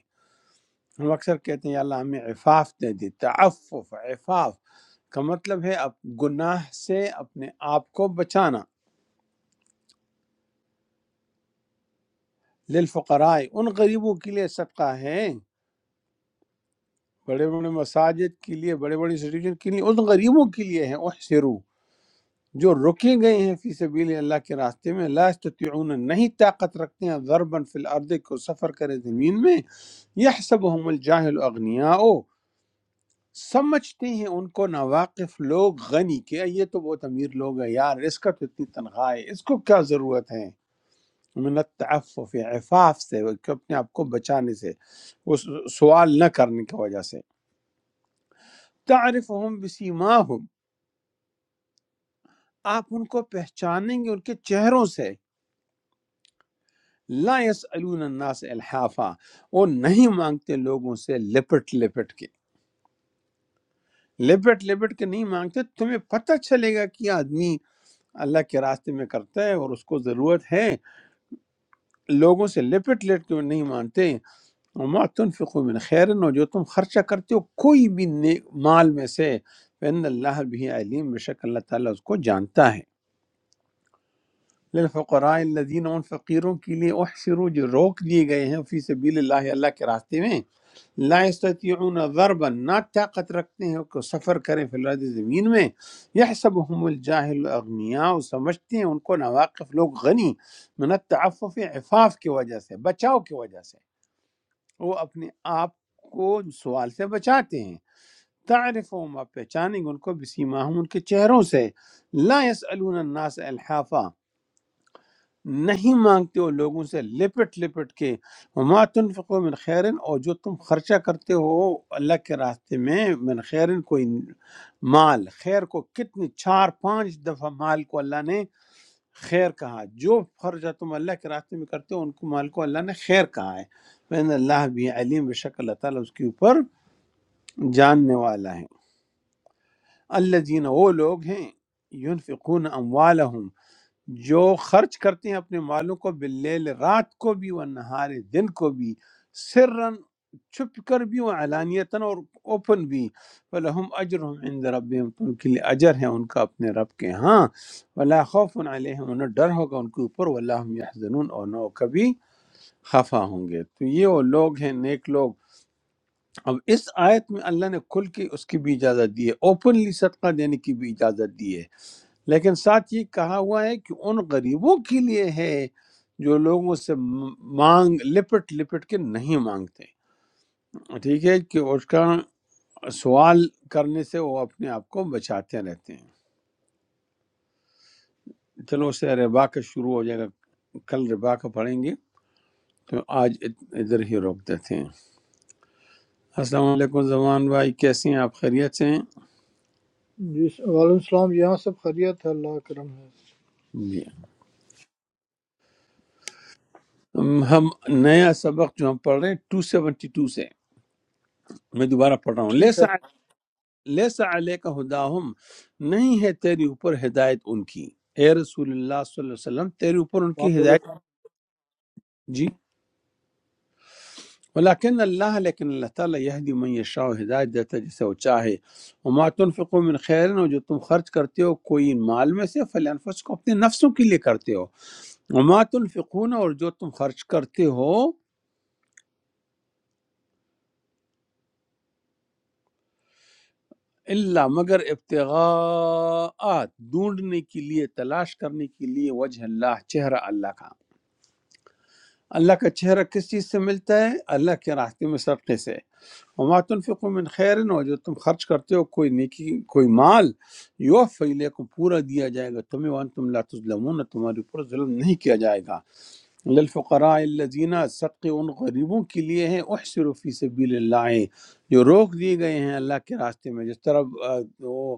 Speaker 1: ہم اکثر کہتے ہیں یا اللہ ہمیں عفاف دے دی تعفف عفاف کا مطلب ہے اب گناہ سے اپنے آپ کو بچانا للفقراء ان غریبوں کے لیے صدقہ ہے بڑے بڑے مساجد کے لیے بڑے بڑے انسٹیٹیوشن کے لیے ان غریبوں کے لیے ہے احسرو جو رکے گئے ہیں فی سبیل اللہ کے راستے میں لا استطیعون نہیں طاقت رکھتے ہیں ضربا فی الارض کو سفر کرے زمین میں یحسبهم الجاہل اغنیاء سمجھتے ہیں ان کو ناواقف لوگ غنی کہ یہ تو بہت امیر لوگ ہیں یار اس کا تو اتنی تنخواہ ہے اس کو کیا ضرورت ہے من التعفف عفاف سے کہ اپنے آپ کو بچانے سے وہ سوال نہ کرنے کی وجہ سے تعرفهم بسیماهم آپ ان کو پہچانیں گے ان کے چہروں سے لا یسألون الناس الحافا وہ نہیں مانگتے لوگوں سے لپٹ لپٹ کے لپٹ لپٹ کے نہیں مانگتے تمہیں پتہ چلے گا کہ یہ آدمی اللہ کے راستے میں کرتا ہے اور اس کو ضرورت ہے لوگوں سے لپٹ لپٹ کے نہیں مانتے وما تنفقوا من خیرن اور جو تم خرچہ کرتے ہو کوئی بھی نیک مال میں سے فإن اللہ بھی علیم بے شک اللہ تعالیٰ اس کو جانتا ہے للفقراء الذین ان فقیروں کے لیے احشروا جو روک دیے گئے ہیں فی سبیل اللہ اللہ کے راستے میں لا یستطیعون ضربا نہ طاقت رکھتے ہیں کہ سفر کریں فی الارض زمین میں یحسبهم الجاہل اغنیاء سمجھتے ہیں ان کو نواقف لوگ غنی من التعفف عفاف کی وجہ سے بچاؤ کی وجہ سے وہ اپنے آپ کو سوال سے بچاتے ہیں تعرف ما پہچانیں گے ان کو بسیماہم ان کے چہروں سے لا يسألون الناس الحافا نہیں مانگتے ہو لوگوں سے لپٹ لپٹ کے وما تنفقو من خیرن اور جو تم خرچہ کرتے ہو اللہ کے راستے میں من خیرن کوئی مال خیر کو کتنی چار پانچ دفعہ مال کو اللہ نے خیر کہا جو خرچہ تم اللہ کے راستے میں کرتے ہو ان کو مال کو اللہ نے خیر کہا ہے فإن اللہ بھی علیم بے شک اللہ تعالیٰ اس کے اوپر جاننے والا ہے اللہ وہ لوگ ہیں یونفقون جو خرچ کرتے ہیں اپنے مالوں کو باللیل رات کو بھی و نہار دن کو بھی سرن چھپ کر بھی و علانیتاً اور اوپن بھی فلہم اجرہم عند ربہم تو ان کے لیے اجر ہے ان کا اپنے رب کے ہاں ولا خوف علیہم انہیں ڈر ہوگا ان کے اوپر واللہ هم یحزنون اور نہ وہ کبھی خفا ہوں گے تو یہ وہ لوگ ہیں نیک لوگ اب اس آیت میں اللہ نے کھل کے اس کی بھی اجازت دی ہے اوپنلی صدقہ دینے کی بھی اجازت دی ہے لیکن ساتھ یہ کہا ہوا ہے کہ ان غریبوں کے لیے ہے جو لوگوں سے م- مانگ لپٹ لپٹ کے نہیں مانگتے ٹھیک ہے کہ اس کا سوال کرنے سے وہ اپنے آپ کو بچاتے رہتے ہیں چلو اس سے ربا کا شروع ہو جائے گا کل ربا کا پڑھیں گے تو آج ات- ادھر ہی روک دیتے ہیں السلام علیکم زمان بھائی کیسے ہیں آپ خیریت سے ہیں
Speaker 5: جی وعلیکم السلام یہاں سب خیریت ہے اللہ کا کرم ہے
Speaker 1: جی ہم ہم- نیا سبق جو ہم پڑھ رہے ہیں 272 سے میں دوبارہ پڑھ رہا ہوں
Speaker 5: ٹھیک ہے
Speaker 1: لیسا لیسا علیہ ہداہم نہیں ہے تیری اوپر ہدایت ان کی اے رسول اللہ صلی اللہ علیہ وسلم تیرے اوپر ان
Speaker 5: وہاں
Speaker 1: کی
Speaker 5: پہ
Speaker 1: ہدایت
Speaker 5: بیٹھا ہوں۔
Speaker 1: جی ولیکن اللہ لیکن اللہ تعالیٰ یہدی من یشاء ہدایت دیتا ہے جسے وہ چاہے وما تنفقوا من خیر اور جو تم خرچ کرتے ہو کوئی مال میں سے فلانفس کو اپنے نفسوں کے لیے کرتے ہو وما تنفقون اور جو تم خرچ کرتے ہو اللہ مگر ابتغاء ڈھونڈنے کے لیے تلاش کرنے کے لیے وجہ اللہ چہرہ اللہ کا اللہ کا چہرہ کس چیز سے ملتا ہے اللہ کے راستے میں صدقے سے وما تنفقوا من خیر ہو جو تم خرچ کرتے ہو کوئی نیکی کوئی مال یو فیلے کو پورا دیا جائے گا تمہیں وان تم لا تظلمون تمہارے اوپر ظلم نہیں کیا جائے گا للفقراء الذین صدقے ان غریبوں کے لیے ہیں احسروا فی سبیل اللہ جو روک دیے گئے ہیں اللہ کے راستے میں جس طرح وہ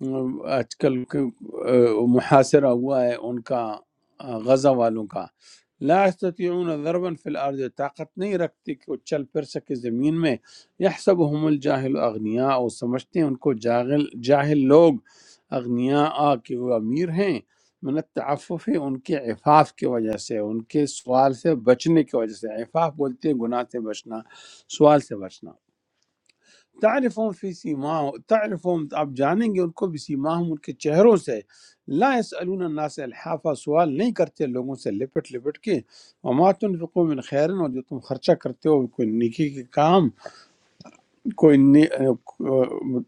Speaker 1: آج کل کے، آ، محاصرہ ہوا ہے ان کا آ، غزہ والوں کا لا یستطیعون ضربا فی الارض طاقت نہیں رکھتے کہ وہ چل پھر سکے زمین میں یحسبهم الجاهل اغنیاء وہ سمجھتے ہیں ان کو جاہل جاہل لوگ اغنیاء آ کہ وہ امیر ہیں من التعفف ان کے عفاف کی وجہ سے ان کے سوال سے بچنے کی وجہ سے عفاف بولتے ہیں گناہ سے بچنا سوال سے بچنا تعرفون فی سیما تعرفون آپ جانیں گے ان کو بھی سیماہم ان کے چہروں سے لا یسألون الناس الحافہ سوال نہیں کرتے لوگوں سے لپٹ لپٹ کے وما تنفقوا من خیرن اور جو تم خرچہ کرتے ہو کوئی نیکی کے کام کوئی نی...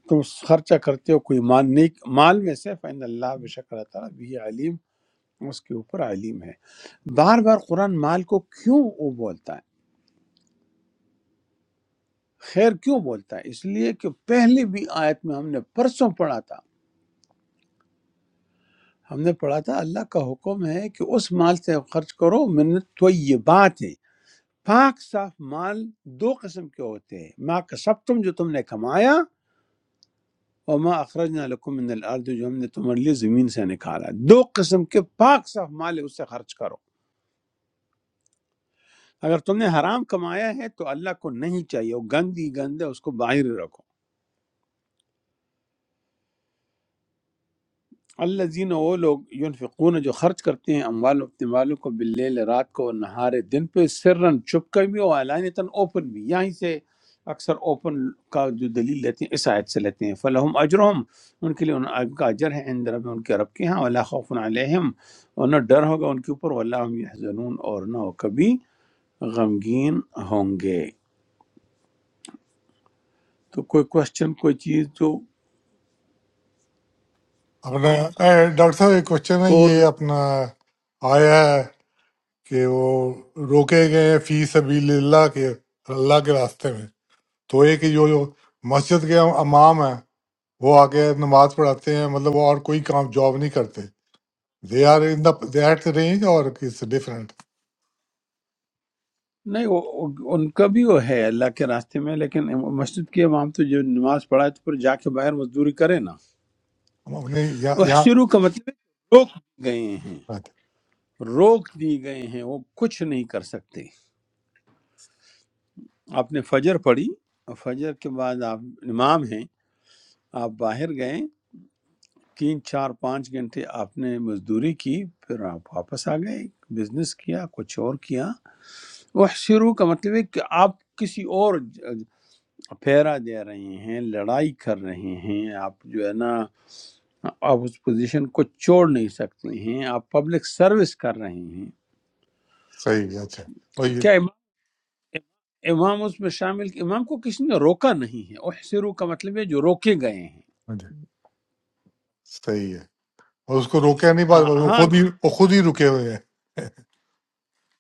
Speaker 1: تم خرچہ کرتے ہو کوئی مال نیک مال میں سے فإن اللہ بشکر اللہ تعالیٰ بھی علیم اس کے اوپر علیم ہے بار بار قرآن مال کو کیوں وہ بولتا ہے خیر کیوں بولتا ہے اس لیے کہ پہلے بھی آیت میں ہم نے پرسوں پڑھا تھا ہم نے پڑھا تھا اللہ کا حکم ہے کہ اس مال سے خرچ کرو من طیبات ہے پاک صاف مال دو قسم کے ہوتے ہیں ما کسب تم جو تم نے کمایا اور ما اخرجنا لکم من الارض جو ہم نے تمہارے لیے زمین سے نکالا دو قسم کے پاک صاف مال ہے اس سے خرچ کرو اگر تم نے حرام کمایا ہے تو اللہ کو نہیں چاہیے وہ گندی گند ہے اس کو باہر رکھو الذین وہ لوگ ینفقون جو خرچ کرتے ہیں اموال اپنے مالوں کو باللیل رات کو نہارے دن پہ سرن چھپ کر بھی اور علانیتاً اوپن بھی یہیں سے اکثر اوپن کا جو دلیل لیتے ہیں اس آیت سے لیتے ہیں فلہم اجرہم ان کے لیے ان ان کا اجر ہے عند رب ان کے رب کے ہاں ولا خوف علیہم اور نہ ڈر ہوگا ان کے اوپر ولا هم یحزنون اور نہ وہ کبھی غمگین ہوں گے تو کوئی کوشچن کوئی چیز جو
Speaker 2: اپنا اے، ڈاکٹر صاحب ایک کوشچن ہے
Speaker 1: کون
Speaker 2: یہ اپنا آیا ہے کہ وہ روکے گئے فی سبیل اللہ کے اللہ کے راستے میں تو یہ کہ جو جو مسجد کے امام ہیں وہ آ کے نماز پڑھاتے ہیں مطلب وہ اور کوئی کام جاب نہیں کرتے they are in the they at the range اور اٹس ڈفرینٹ
Speaker 1: نہیں وہ وہ- ان کا بھی وہ ہے اللہ کے راستے میں لیکن مسجد کے امام تو جو نماز پڑھا ہے تو پھر جا کے باہر مزدوری کرے نا
Speaker 2: ہم اپنے یہاں یہاں
Speaker 1: احشرو کا مطلب ہے کہ روک دیے گئے ہیں
Speaker 2: بات
Speaker 1: روک دیے گئے ہیں وہ کچھ نہیں کر سکتے آپ نے فجر پڑھی اور فجر کے بعد آپ امام ہیں آپ باہر گئے تین چار پانچ گھنٹے آپ نے مزدوری کی پھر آپ واپس آ گئے بزنس کیا کچھ اور کیا وہ شروع کا مطلب ہے کہ آپ کسی اور پھیرا دے رہے ہیں لڑائی کر رہے ہیں آپ جو ہے نا آپ اس پوزیشن کو چھوڑ نہیں سکتے ہیں آپ پبلک سروس کر رہے ہیں
Speaker 2: ہے۔ صحیح ہے اچھا اور یہ
Speaker 1: کیا
Speaker 2: ہاں
Speaker 1: امام امام اس میں شامل امام کو کسی نے روکا نہیں ہے احسرو کا مطلب ہے جو روکے گئے ہیں
Speaker 2: جی صحیح ہے اور اس کو روکے نہیں بات
Speaker 1: آ-
Speaker 2: وہ
Speaker 1: ہاں
Speaker 2: خود ہی وہ خود ہی رکے ہوئے ہیں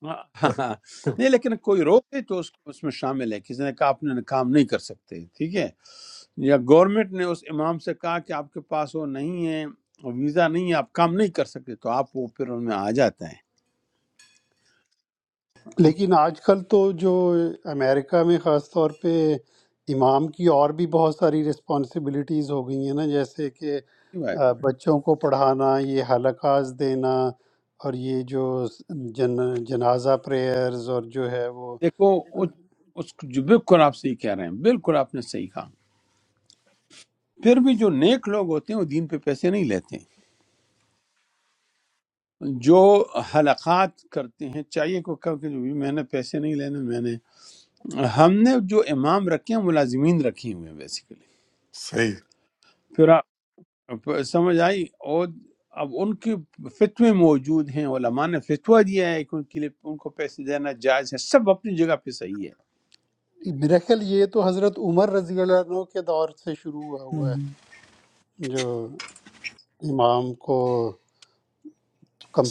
Speaker 1: ہاں، ہاں، نہیں لیکن کوئی روکے تو اس کو اس میں شامل ہے کسی نے کہا آپ نے کام نہیں کر سکتے ٹھیک ہے یا گورنمنٹ نے اس امام سے کہا کہ آپ کے پاس وہ نہیں ہے ویزا نہیں ہے آپ کام نہیں کر سکتے تو آپ وہ پھر ان میں آ جاتا
Speaker 3: لیکن آج کل تو جو امریکہ میں خاص طور پہ امام کی اور بھی بہت ساری رسپانسبلٹیز ہو گئی ہیں نا جیسے کہ
Speaker 1: ہے
Speaker 3: آ، بچوں کو پڑھانا یہ حلقاز دینا اور یہ جو جن جنازہ پریئرز اور جو ہے وہ
Speaker 1: دیکھو اس اس کو جو بالکل آپ صحیح کہہ رہے ہیں بالکل آپ نے صحیح کہا پھر بھی جو نیک لوگ ہوتے ہیں وہ دین پہ پیسے نہیں لیتے جو حلقات کرتے ہیں چاہیے کو کہا کہ جو بھی میں نے پیسے نہیں لینے میں نے ہم نے جو امام رکھے ہیں ملازمین رکھے ہوئے ہیں بیسیکلی
Speaker 2: صحیح ہے۔
Speaker 1: پھر آپ پھر سمجھ آئی اور اب ان کے فتوے موجود ہیں علماء نے فتویٰ دیا ہے کہ ان کے لیے ان کو پیسے دینا جائز ہے سب اپنی جگہ پہ صحیح ہے
Speaker 3: میرا خیال یہ تو حضرت عمر رضی اللہ عنہ کے دور سے شروع ہوا ہوا ہے جو امام کو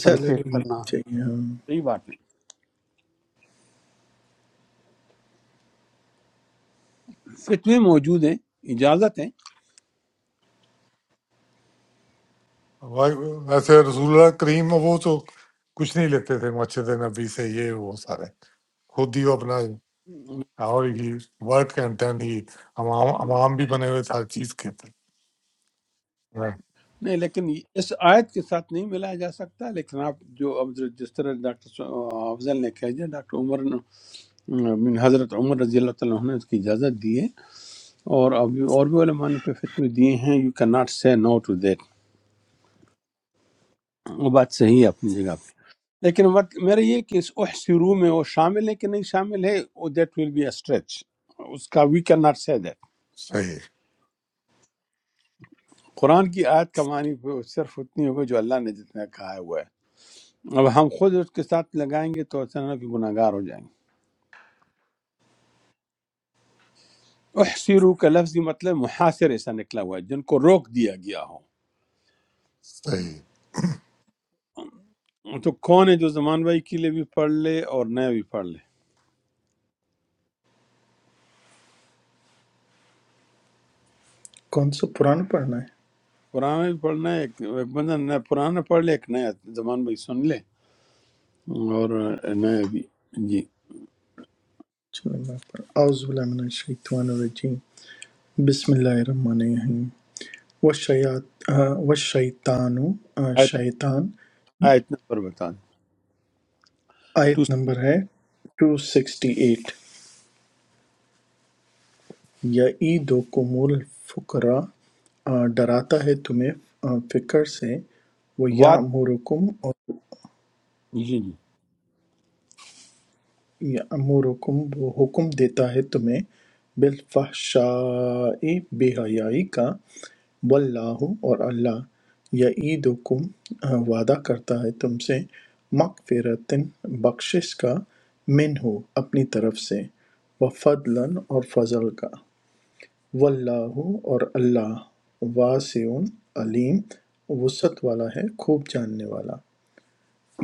Speaker 4: سیلری ملنی
Speaker 3: کرنا
Speaker 4: چاہیے ہاں
Speaker 1: صحیح بات ہے فتوے موجود ہیں اجازت ہے
Speaker 2: وہ- ویسے رسول اللہ کریم وہ تو کچھ نہیں لیتے تھے مسجد نبی سے یہ وہ سارے خود ہی وہ اپنا اور ہی ورک اینڈ دین ہی امام امام بھی بنے ہوئے تھے ہر چیز کے Right.
Speaker 1: نہیں لیکن یہ- اس آیت کے ساتھ نہیں ملایا جا سکتا لیکن آپ جو اب جو- جس طرح ڈاکٹر سو- افضل نے کہہ دیا ڈاکٹر عمر نے من حضرت عمر رضی اللہ تعالیٰ عنہ نے اس کی اجازت دی ہے اور ابھی اور بھی علماء نے پہ فتوی دیے ہیں یو کین ناٹ سے نو ٹو دیٹ وہ بات صحیح ہے اپنی جگہ پہ لیکن وقت میرا یہ کہ اس احسرو میں وہ شامل ہے کہ نہیں شامل ہے وہ that will be a stretch اس کا we can not say that
Speaker 2: Say it.
Speaker 1: قرآن کی آیت کا معنی وہ صرف اتنی ہوگی جو اللہ نے جتنا کہا ہوا ہے اب ہم خود اس کے ساتھ لگائیں گے تو اچانک گناہ گار ہو جائیں گے احسرو کا لفظی مطلب محاصرے سے نکلا ہوا ہے جن کو روک دیا گیا ہو
Speaker 2: Say
Speaker 1: تو کون ہے جو زمان بھائی کے لیے بھی پڑھ لے اور نیا بھی پڑھ لے
Speaker 4: کون سا پرانا پڑھنا ہے
Speaker 1: پرانا بھی پڑھنا ہے ایک ایک بندہ نیا پرانا پڑھ لے ایک نیا زمان بھائی سن لے اور نیا بھی جی
Speaker 4: چلو میں پڑھ اعوذ باللہ من الشیطان الرجیم بسم اللہ الرحمن الرحیم وشیات وشیطان
Speaker 1: آیت,
Speaker 4: شیطان
Speaker 1: آیت نمبر بتا دیں تو
Speaker 4: آیت نمبر ہے 268 یعیدکم الفقرا آ، ڈراتا ہے تمہیں آ، فقر سے وہ
Speaker 1: وعدہ
Speaker 4: یامرکم اور
Speaker 1: جی جی
Speaker 4: یَأْمُرُکُم وہ حکم دیتا ہے تمہیں بالفحشاء بے حیائی کا واللہ اور اللہ یعیدکم آ، وعدہ کرتا ہے تم سے مغفرتن بخشش کا منہو اپنی طرف سے وفضلن اور فضل کا واللہ اور اللہ واسع علیم وسعت والا ہے خوب جاننے والا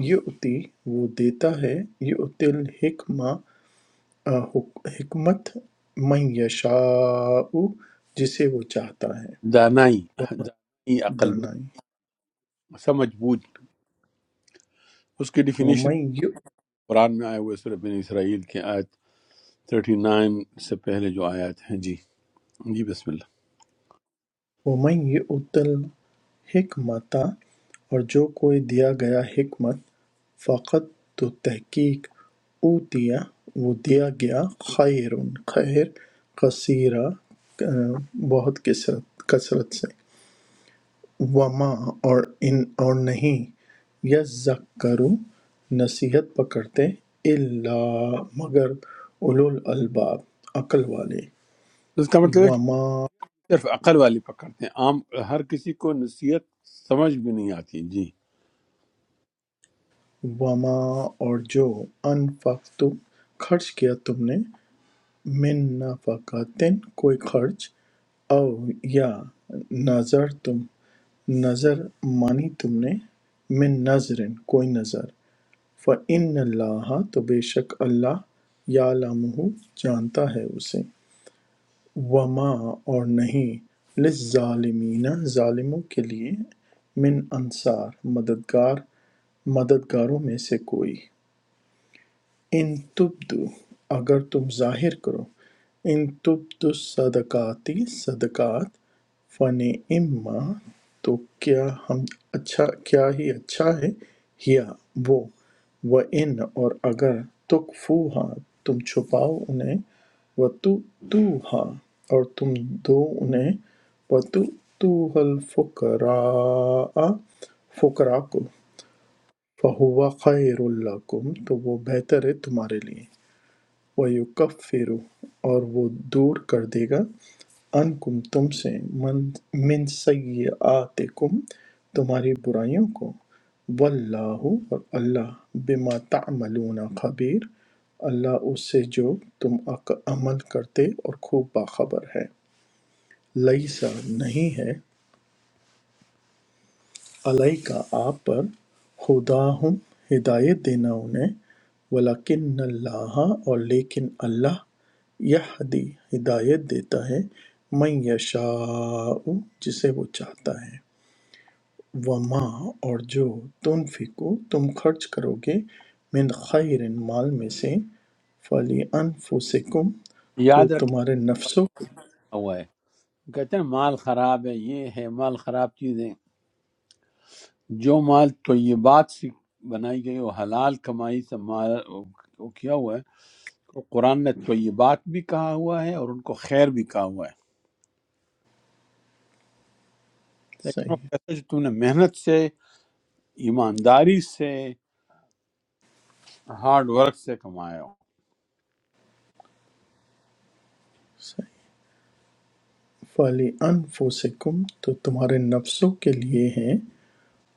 Speaker 4: یہ اتی وہ دیتا ہے یہ اتل حکمہ حک- حکمت من یشاء جسے وہ چاہتا ہے
Speaker 1: دانائی
Speaker 4: وہ
Speaker 1: دانائی عقل مند
Speaker 4: دانائی
Speaker 1: سمجھ بوجھ اس کی ڈیفینیشن
Speaker 4: ومن یُ-
Speaker 1: قرآن میں آئے ہوئے سورہ بن اسرائیل کے آیت 39 سے پہلے جو آیات ہیں جی جی بسم اللہ
Speaker 4: ومن یؤت الحکمت اور جو کوئی دیا گیا حکمت فقط تو تحقیق اوتیا وہ دیا گیا خیر خیر کثیرہ بہت کثرت کثرت سے وما اور ان اور نہیں یذکروا نصیحت پکڑتے الا مگر اولو الالباب عقل والے
Speaker 1: اس کا مطلب ہے
Speaker 4: وما
Speaker 1: صرف عقل والے پکڑتے ہیں عام ہر کسی کو نصیحت سمجھ بھی نہیں آتی جی
Speaker 4: وما اور جو انفقتم خرچ کیا تم نے من نفقاتن کوئی خرچ او یا نظر تم نظر مانی تم نے من نظرن کوئی نظر فَإِنَّ اللَّهَ تو بے شک اللہ یعلمہ جانتا ہے اسے وما اور نہیں للظالمین ظالموں کے لیے من انصار مددگار مددگاروں میں سے کوئی ان تبدو اگر تم ظاہر کرو ان تبدو صدقاتی صدقات فن اما تو کیا ہم اچھا کیا ہی اچھا ہے یا وہ و ان اور اگر تکفوہا تم چھپاؤ انہیں و تو توہا اور تم دو انہیں و تو توہ الفقراء فقراء کو فہو خیر لکم تو وہ بہتر ہے تمہارے لیے وَیُکَفِّرُ اور وہ دور کر دے گا عنکم تم سے من من سیئاتکم تمہاری برائیوں کو واللہ اور اللہ بما تعملون خبیر اللہ اس سے جو تم عمل کرتے اور خوب باخبر ہے لیسا نہیں ہے عَلَيْکَ آپ پر ھداھم ہدایت دینا انہیں وَلَکِنَّ اللَّہِ اور لیکن اللہ یہدی ہدایت دیتا ہے مَن یَشَاءُ جسے وہ چاہتا ہے وَمَا اور جو تنفقو تم خرچ کرو گے من خیر مال میں سے فلی انفسکم تو
Speaker 1: یاد رکھنا
Speaker 4: تمہارے نفسوں
Speaker 1: ہوا ہے کہتے ہیں مال خراب ہے یہ ہے مال خراب چیزیں جو مال طیبات سے بنائی گئی وہ حلال کمائی سے مال وہ کیا ہوا ہے تو قرآن نے طیبات بھی کہا ہوا ہے اور ان کو خیر بھی کہا ہوا ہے لیکن وہ
Speaker 4: صحیح
Speaker 1: کہتا ہے جو تم نے محنت سے ایمانداری سے ہارڈ ورک سے کمایا ہو
Speaker 4: صحیح فلی انفسکم تو تمہارے نفسوں کے لیے ہے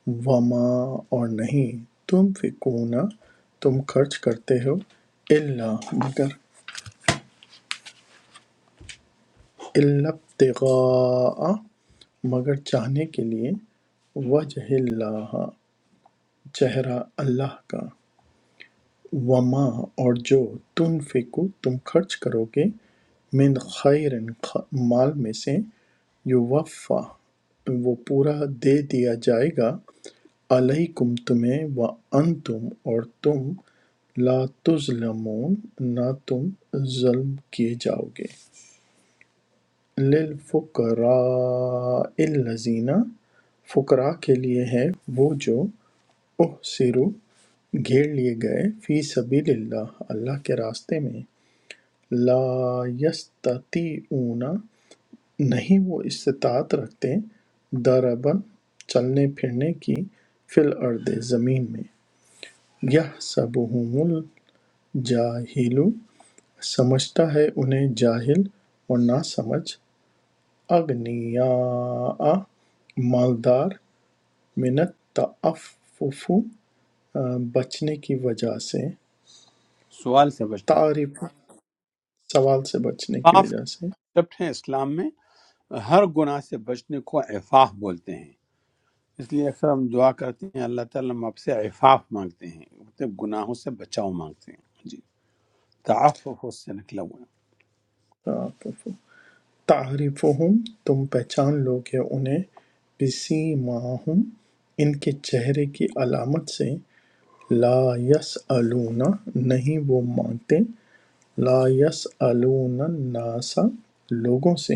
Speaker 4: وما اور نہیں تنفقون تم خرچ کرتے ہو الا مگر الا ابتغاء مگر چاہنے کے لیے وجہ اللہ چہرہ اللہ کا وما اور جو تنفقو تم خرچ کرو گے من خیر مال میں سے یوفا وہ پورا دے دیا جائے گا علیکم تمہیں وانتم اور تم لا تظلمون نہ تم ظلم کیے جاؤ گے للفقراء الذین فقراء کے لیے ہے وہ جو احسروا گھیر لیے گئے فی سبیل اللہ اللہ کے راستے میں لا یستطیعون نہیں وہ استطاعت رکھتے ضربن چلنے پھرنے کی فی الارض زمین میں یحسبہم الجاہل سمجھتا ہے انہیں جاہل اور نہ سمجھ اغنیاء مالدار من التعفف آ، بچنے کی وجہ سے
Speaker 1: سوال سے بچنے کو
Speaker 4: تعریف سوال سے بچنے کی
Speaker 1: صاف
Speaker 4: وجہ سے
Speaker 1: concept ہیں اسلام میں ہر گناہ سے بچنے کو عفاف بولتے ہیں اس لیے اکثر ہم دعا کرتے ہیں اللہ تعالیٰ ہم آپ سے عفاف مانگتے ہیں مطلب گناہوں سے بچاؤ مانگتے ہیں جی تعفف اس سے نکلا ہوا
Speaker 4: تعفف تعریفہم تم پہچان لو گے انہیں بسیماہم ان کے چہرے کی علامت سے لا یسألون نہیں وہ مانگتے لا یسألون الناس لوگوں سے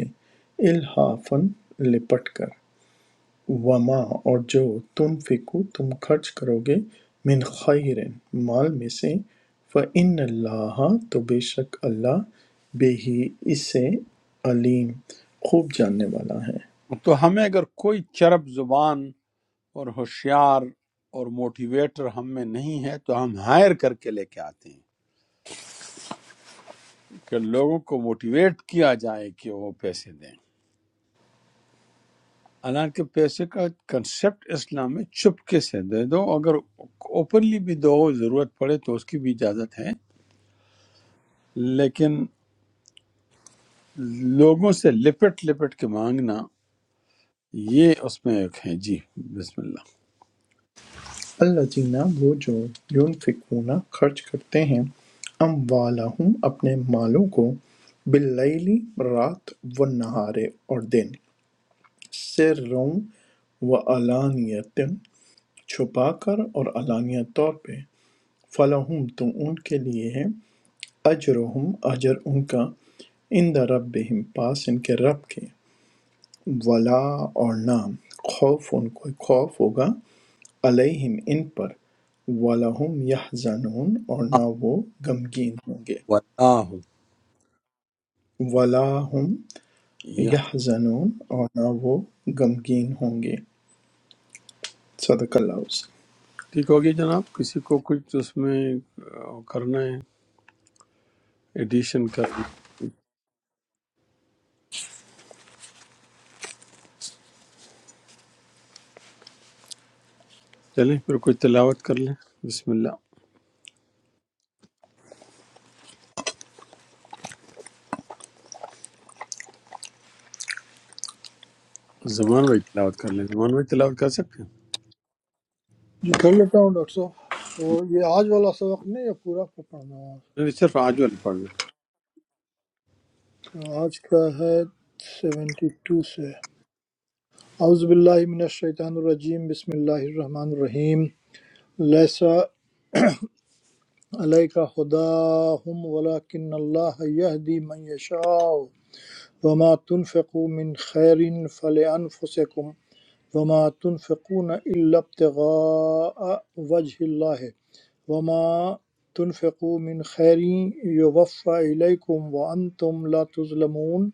Speaker 4: الحافن لپٹ کر وما اور جو تم فکو تم خرچ کرو گے من خیر مال میں سے فإن اللہ تو بے شک اللہ بے ہی اس سے علیم خوب جاننے والا ہے
Speaker 1: ہے تو ہمیں اگر کوئی چرب زبان اور ہوشیار اور موٹیویٹر ہم میں نہیں ہے تو ہم ہائر کر کے لے کے آتے ہیں کہ لوگوں کو موٹیویٹ کیا جائے کہ وہ پیسے دیں حالانکہ پیسے کا کنسپٹ اسلام میں چپکے سے دے دو اگر اوپنلی بھی دو ضرورت پڑے تو اس کی بھی اجازت ہے لیکن لوگوں سے لپٹ لپٹ کے مانگنا یہ اس میں ایک ہے جی بسم اللہ
Speaker 4: اللہ جینا وہ جو یونفقون خرچ کرتے ہیں اموالہم اپنے مالوں کو باللیل رات و نہارے اور دن سروں و علانیتًا چھپا کر اور علانیہ طور پہ فَلَہُمْ تو ان کے لیے ہے اجرہم اجر ان کا عند ربہم پاس ان کے رب کے ولا اور نہ خوف ان کو خوف ہوگا علیہم ان پر وَلَهُمْ يَحْزَنُونَ اور نہ وہ غمگین ہوں گے
Speaker 1: واللہ
Speaker 4: وَلَا هُمْ
Speaker 1: یہ
Speaker 4: يَحْزَنُونَ اور نہ وہ غمگین ہوں گے صدق اللہ علیہ وسلم۔
Speaker 1: ٹھیک ہوگی جناب کسی کو کچھ اس میں آ، کرنا ہے ایڈیشن کرنا ہے؟ چلیں پھر کوئی تلاوت کر لیں بسم اللہ زمان بھائی تلاوت کر لیں زمان بھائی تلاوت کر سکتے ہیں
Speaker 5: جی کر لیتا ہوں ڈاکٹر صاحب تو یہ آج والا سبق نہیں ہے پورا کو پڑھنا
Speaker 1: میں نے صرف آج والے پڑھ لیں
Speaker 5: ہے آج کا ہے سیونٹی ٹو سے اعوذ باللہ من الشیطان الرجیم بسم اللہ الرحمن الرحیم لیسا علیک ہداہم ولیکن اللہ یہدی من یشاء وما تنفقوا من خیر فلانفسکم وما تنفقون إلا ابتغاء وجه الله وما تنفقوا من خير يوفى إليكم وأنتم لا تظلمون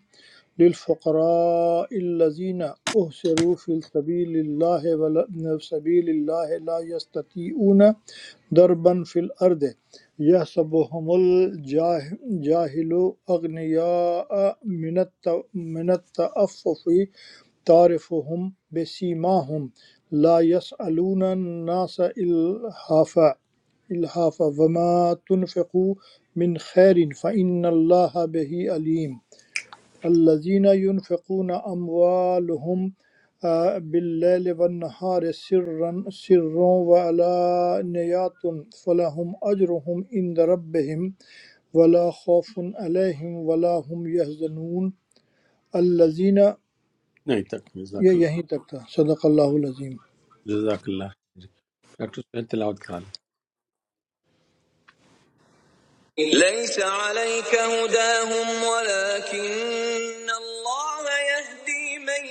Speaker 5: للفقراء الذين أهسروا في سبيل الله ولا سبيل الله لا يستطيعون ضربا في الأرض يحسبهم الجاهل أغنياء من الت- من التأفف تعرفهم بسيماهم لا يسألون الناس إلحافا إلحافا وما تنفقوا من خير فإن الله به عليم الذين ينفقون أموالهم آه، بالليل والنهار سرا سرا وعلانيات فلهم أجرهم عند ربهم ولا خوف عليهم ولا هم يحزنون الذين
Speaker 1: نہیں تک
Speaker 5: یہ
Speaker 1: جزاک اللہ
Speaker 5: یہیں تک تھا صدق اللہ العظیم
Speaker 1: جزاک اللہ ڈاکٹر سہیل تلاوت کرا لیں
Speaker 4: ليس عليك هداهم ولكن الله يهدي من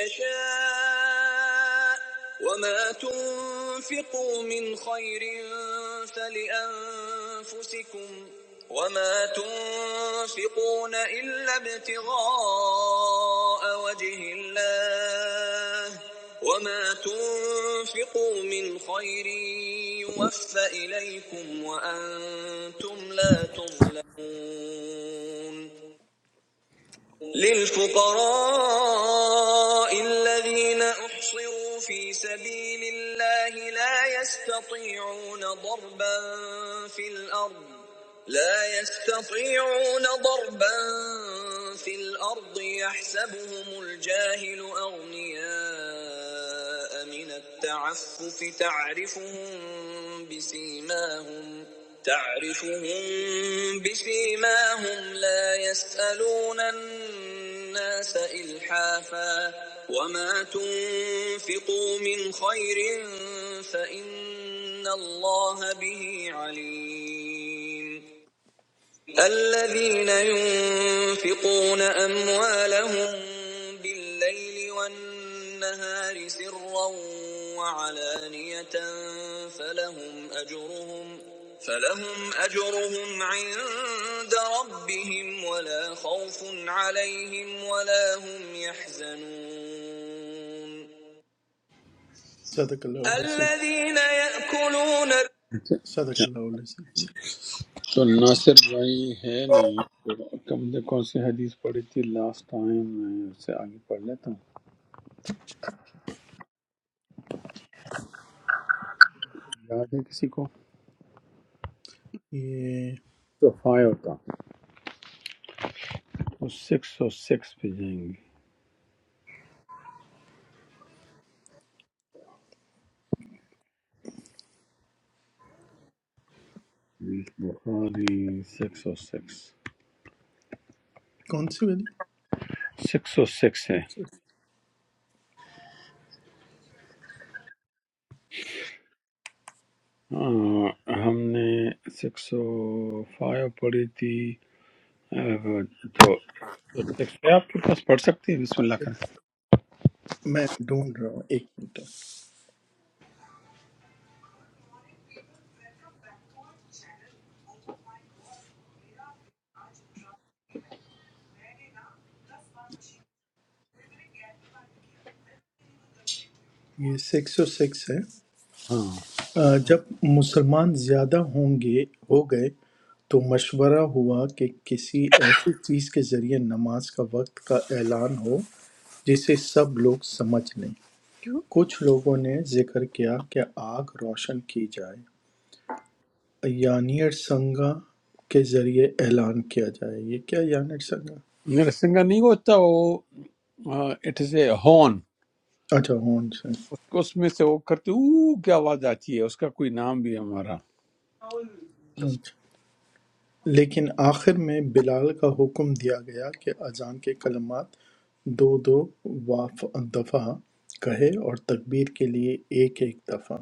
Speaker 4: يشاء وما تنفقوا من خير فلأنفسكم وما تنفقون إلا ابتغاء وجه الله الله وما تنفقوا من خير يوفى إليكم وأنتم لا تظلمون للفقراء الذين أحصروا في سبيل الله لا يستطيعون ضربا في الأرض لا يستطيعون ضربا في الأرض يحسبهم الجاهل أغنياء الأحياء من التعفف تعرفهم بسيماهم تعرفهم بسيماهم لا يسألون الناس إلحافا وما تنفقوا من خير فإن الله به عليم الذين ينفقون أموالهم بالليل والنهار سرا وعلانية فلهم أجرهم فلهم أجرهم عند ربهم ولا خوف عليهم ولا هم يحزنون صدق الله العظيم الذين يأكلون صدق الله العظيم
Speaker 1: تو ناصر بھائی ہے نہیں تو کم نے کون سی حدیث پڑھی تھی لاسٹ ٹائم میں اس سے آگے پڑھ لیتا ہوں یاد ہے کسی کو
Speaker 4: ये
Speaker 1: تو فائیو تھا تو سکس او سکس پہ جائیں گے حدیث بخاری سکس او سکس
Speaker 4: कौन सी
Speaker 1: سکس او سکس ہے
Speaker 4: वाली
Speaker 1: آہ، ہم نے سکس او فائیو پڑھی تھی آہ، تو سکس ہے آپ کے پاس پڑھ سکتے ہیں بسم اللہ کر
Speaker 4: میں ڈھونڈ رہا ہوں ایک منٹ یہ سکس او سکس ہے
Speaker 1: ہاں
Speaker 4: آ، جب مسلمان زیادہ ہوں گے ہو گئے تو مشورہ ہوا کہ کسی ایسی چیز کے ذریعے نماز کا وقت کا اعلان ہو جسے سب لوگ سمجھ لیں کچھ لوگوں نے ذکر کیا کہ آگ روشن کی جائے یانیر سنگا کے ذریعے اعلان کیا جائے یہ کیا یانیر سنگا
Speaker 1: میرا سنگا نہیں ہوتا وہ اٹ از اے ہون
Speaker 4: اچھا ہون
Speaker 1: اس کو اس میں سے وہ کرتے او کیا آواز آتی ہے اس کا کوئی نام بھی ہے ہمارا
Speaker 4: سے لیکن آخر میں بلال کا حکم دیا گیا کہ اذان کے کلمات دو دو دفعہ کہے اور تکبیر کے لیے ایک ایک دفعہ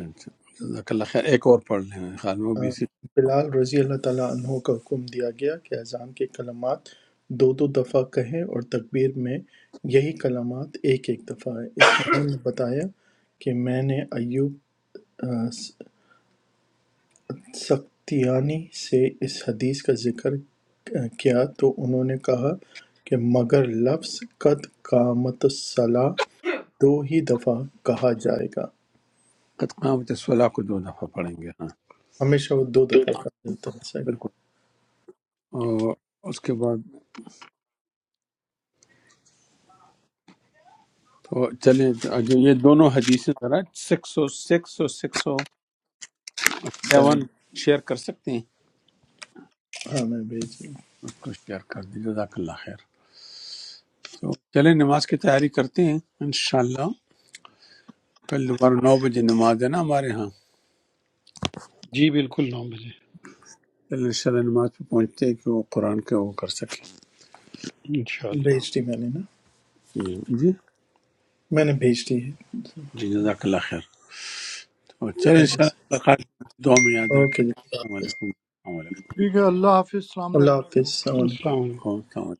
Speaker 1: اچھا، جزاک اللہ خیر ایک اور پڑھ لیں میرے خیال میں وہ
Speaker 4: آ،
Speaker 1: بھی اسی
Speaker 4: بلال رضی اللہ تعالیٰ عنہ کا حکم دیا گیا کہ اذان کے کلمات دو دو دفعہ کہیں اور تکبیر میں یہی کلمات ایک ایک دفعہ ہے اسماعیل نے بتایا کہ میں نے ایوب سختیانی سے اس حدیث کا ذکر کیا تو انہوں نے کہا کہ مگر لفظ قد قامت الصلاح دو ہی دفعہ کہا جائے گا
Speaker 1: قد قامت صلاح کو دو دفعہ پڑھیں گے ہاں
Speaker 4: ہمیشہ وہ دو دفعہ کہا جاتا ہے صحیح
Speaker 1: بالکل اور اس کے بعد تو چلیں جو یہ دونوں حدیثیں ذرا six o six o six o
Speaker 4: seven
Speaker 1: seven share کر سکتے ہیں
Speaker 4: ہاں میں بھیج دی
Speaker 1: اس کو شیئر کر دیں جزاک اللہ خیر تو چلیں نماز کی تیاری کرتے ہیں انشاءاللہ کل دوبارہ نو بجے نماز ہے نا ہمارے ہاں
Speaker 3: جی بالکل نو بجے
Speaker 1: چلیں انشاءاللہ نماز پہ پہنچتے ہیں کہ وہ قرآن کے وہ کر سکیں
Speaker 3: انشاءاللہ
Speaker 4: بھیج دی میں نے نا
Speaker 1: جی
Speaker 4: میں نے بھیج دی ہے
Speaker 1: جي جزاك الله خير وبالتالي ان شاء الله لقاء دوم
Speaker 4: اوکے
Speaker 1: يدرك
Speaker 4: جی
Speaker 1: السلام عليكم السلام
Speaker 5: ٹھیک ہے اللہ حافظ السلام علیکم
Speaker 4: اللہ حافظ السلام علیکم
Speaker 3: السلام علیکم
Speaker 1: عليكم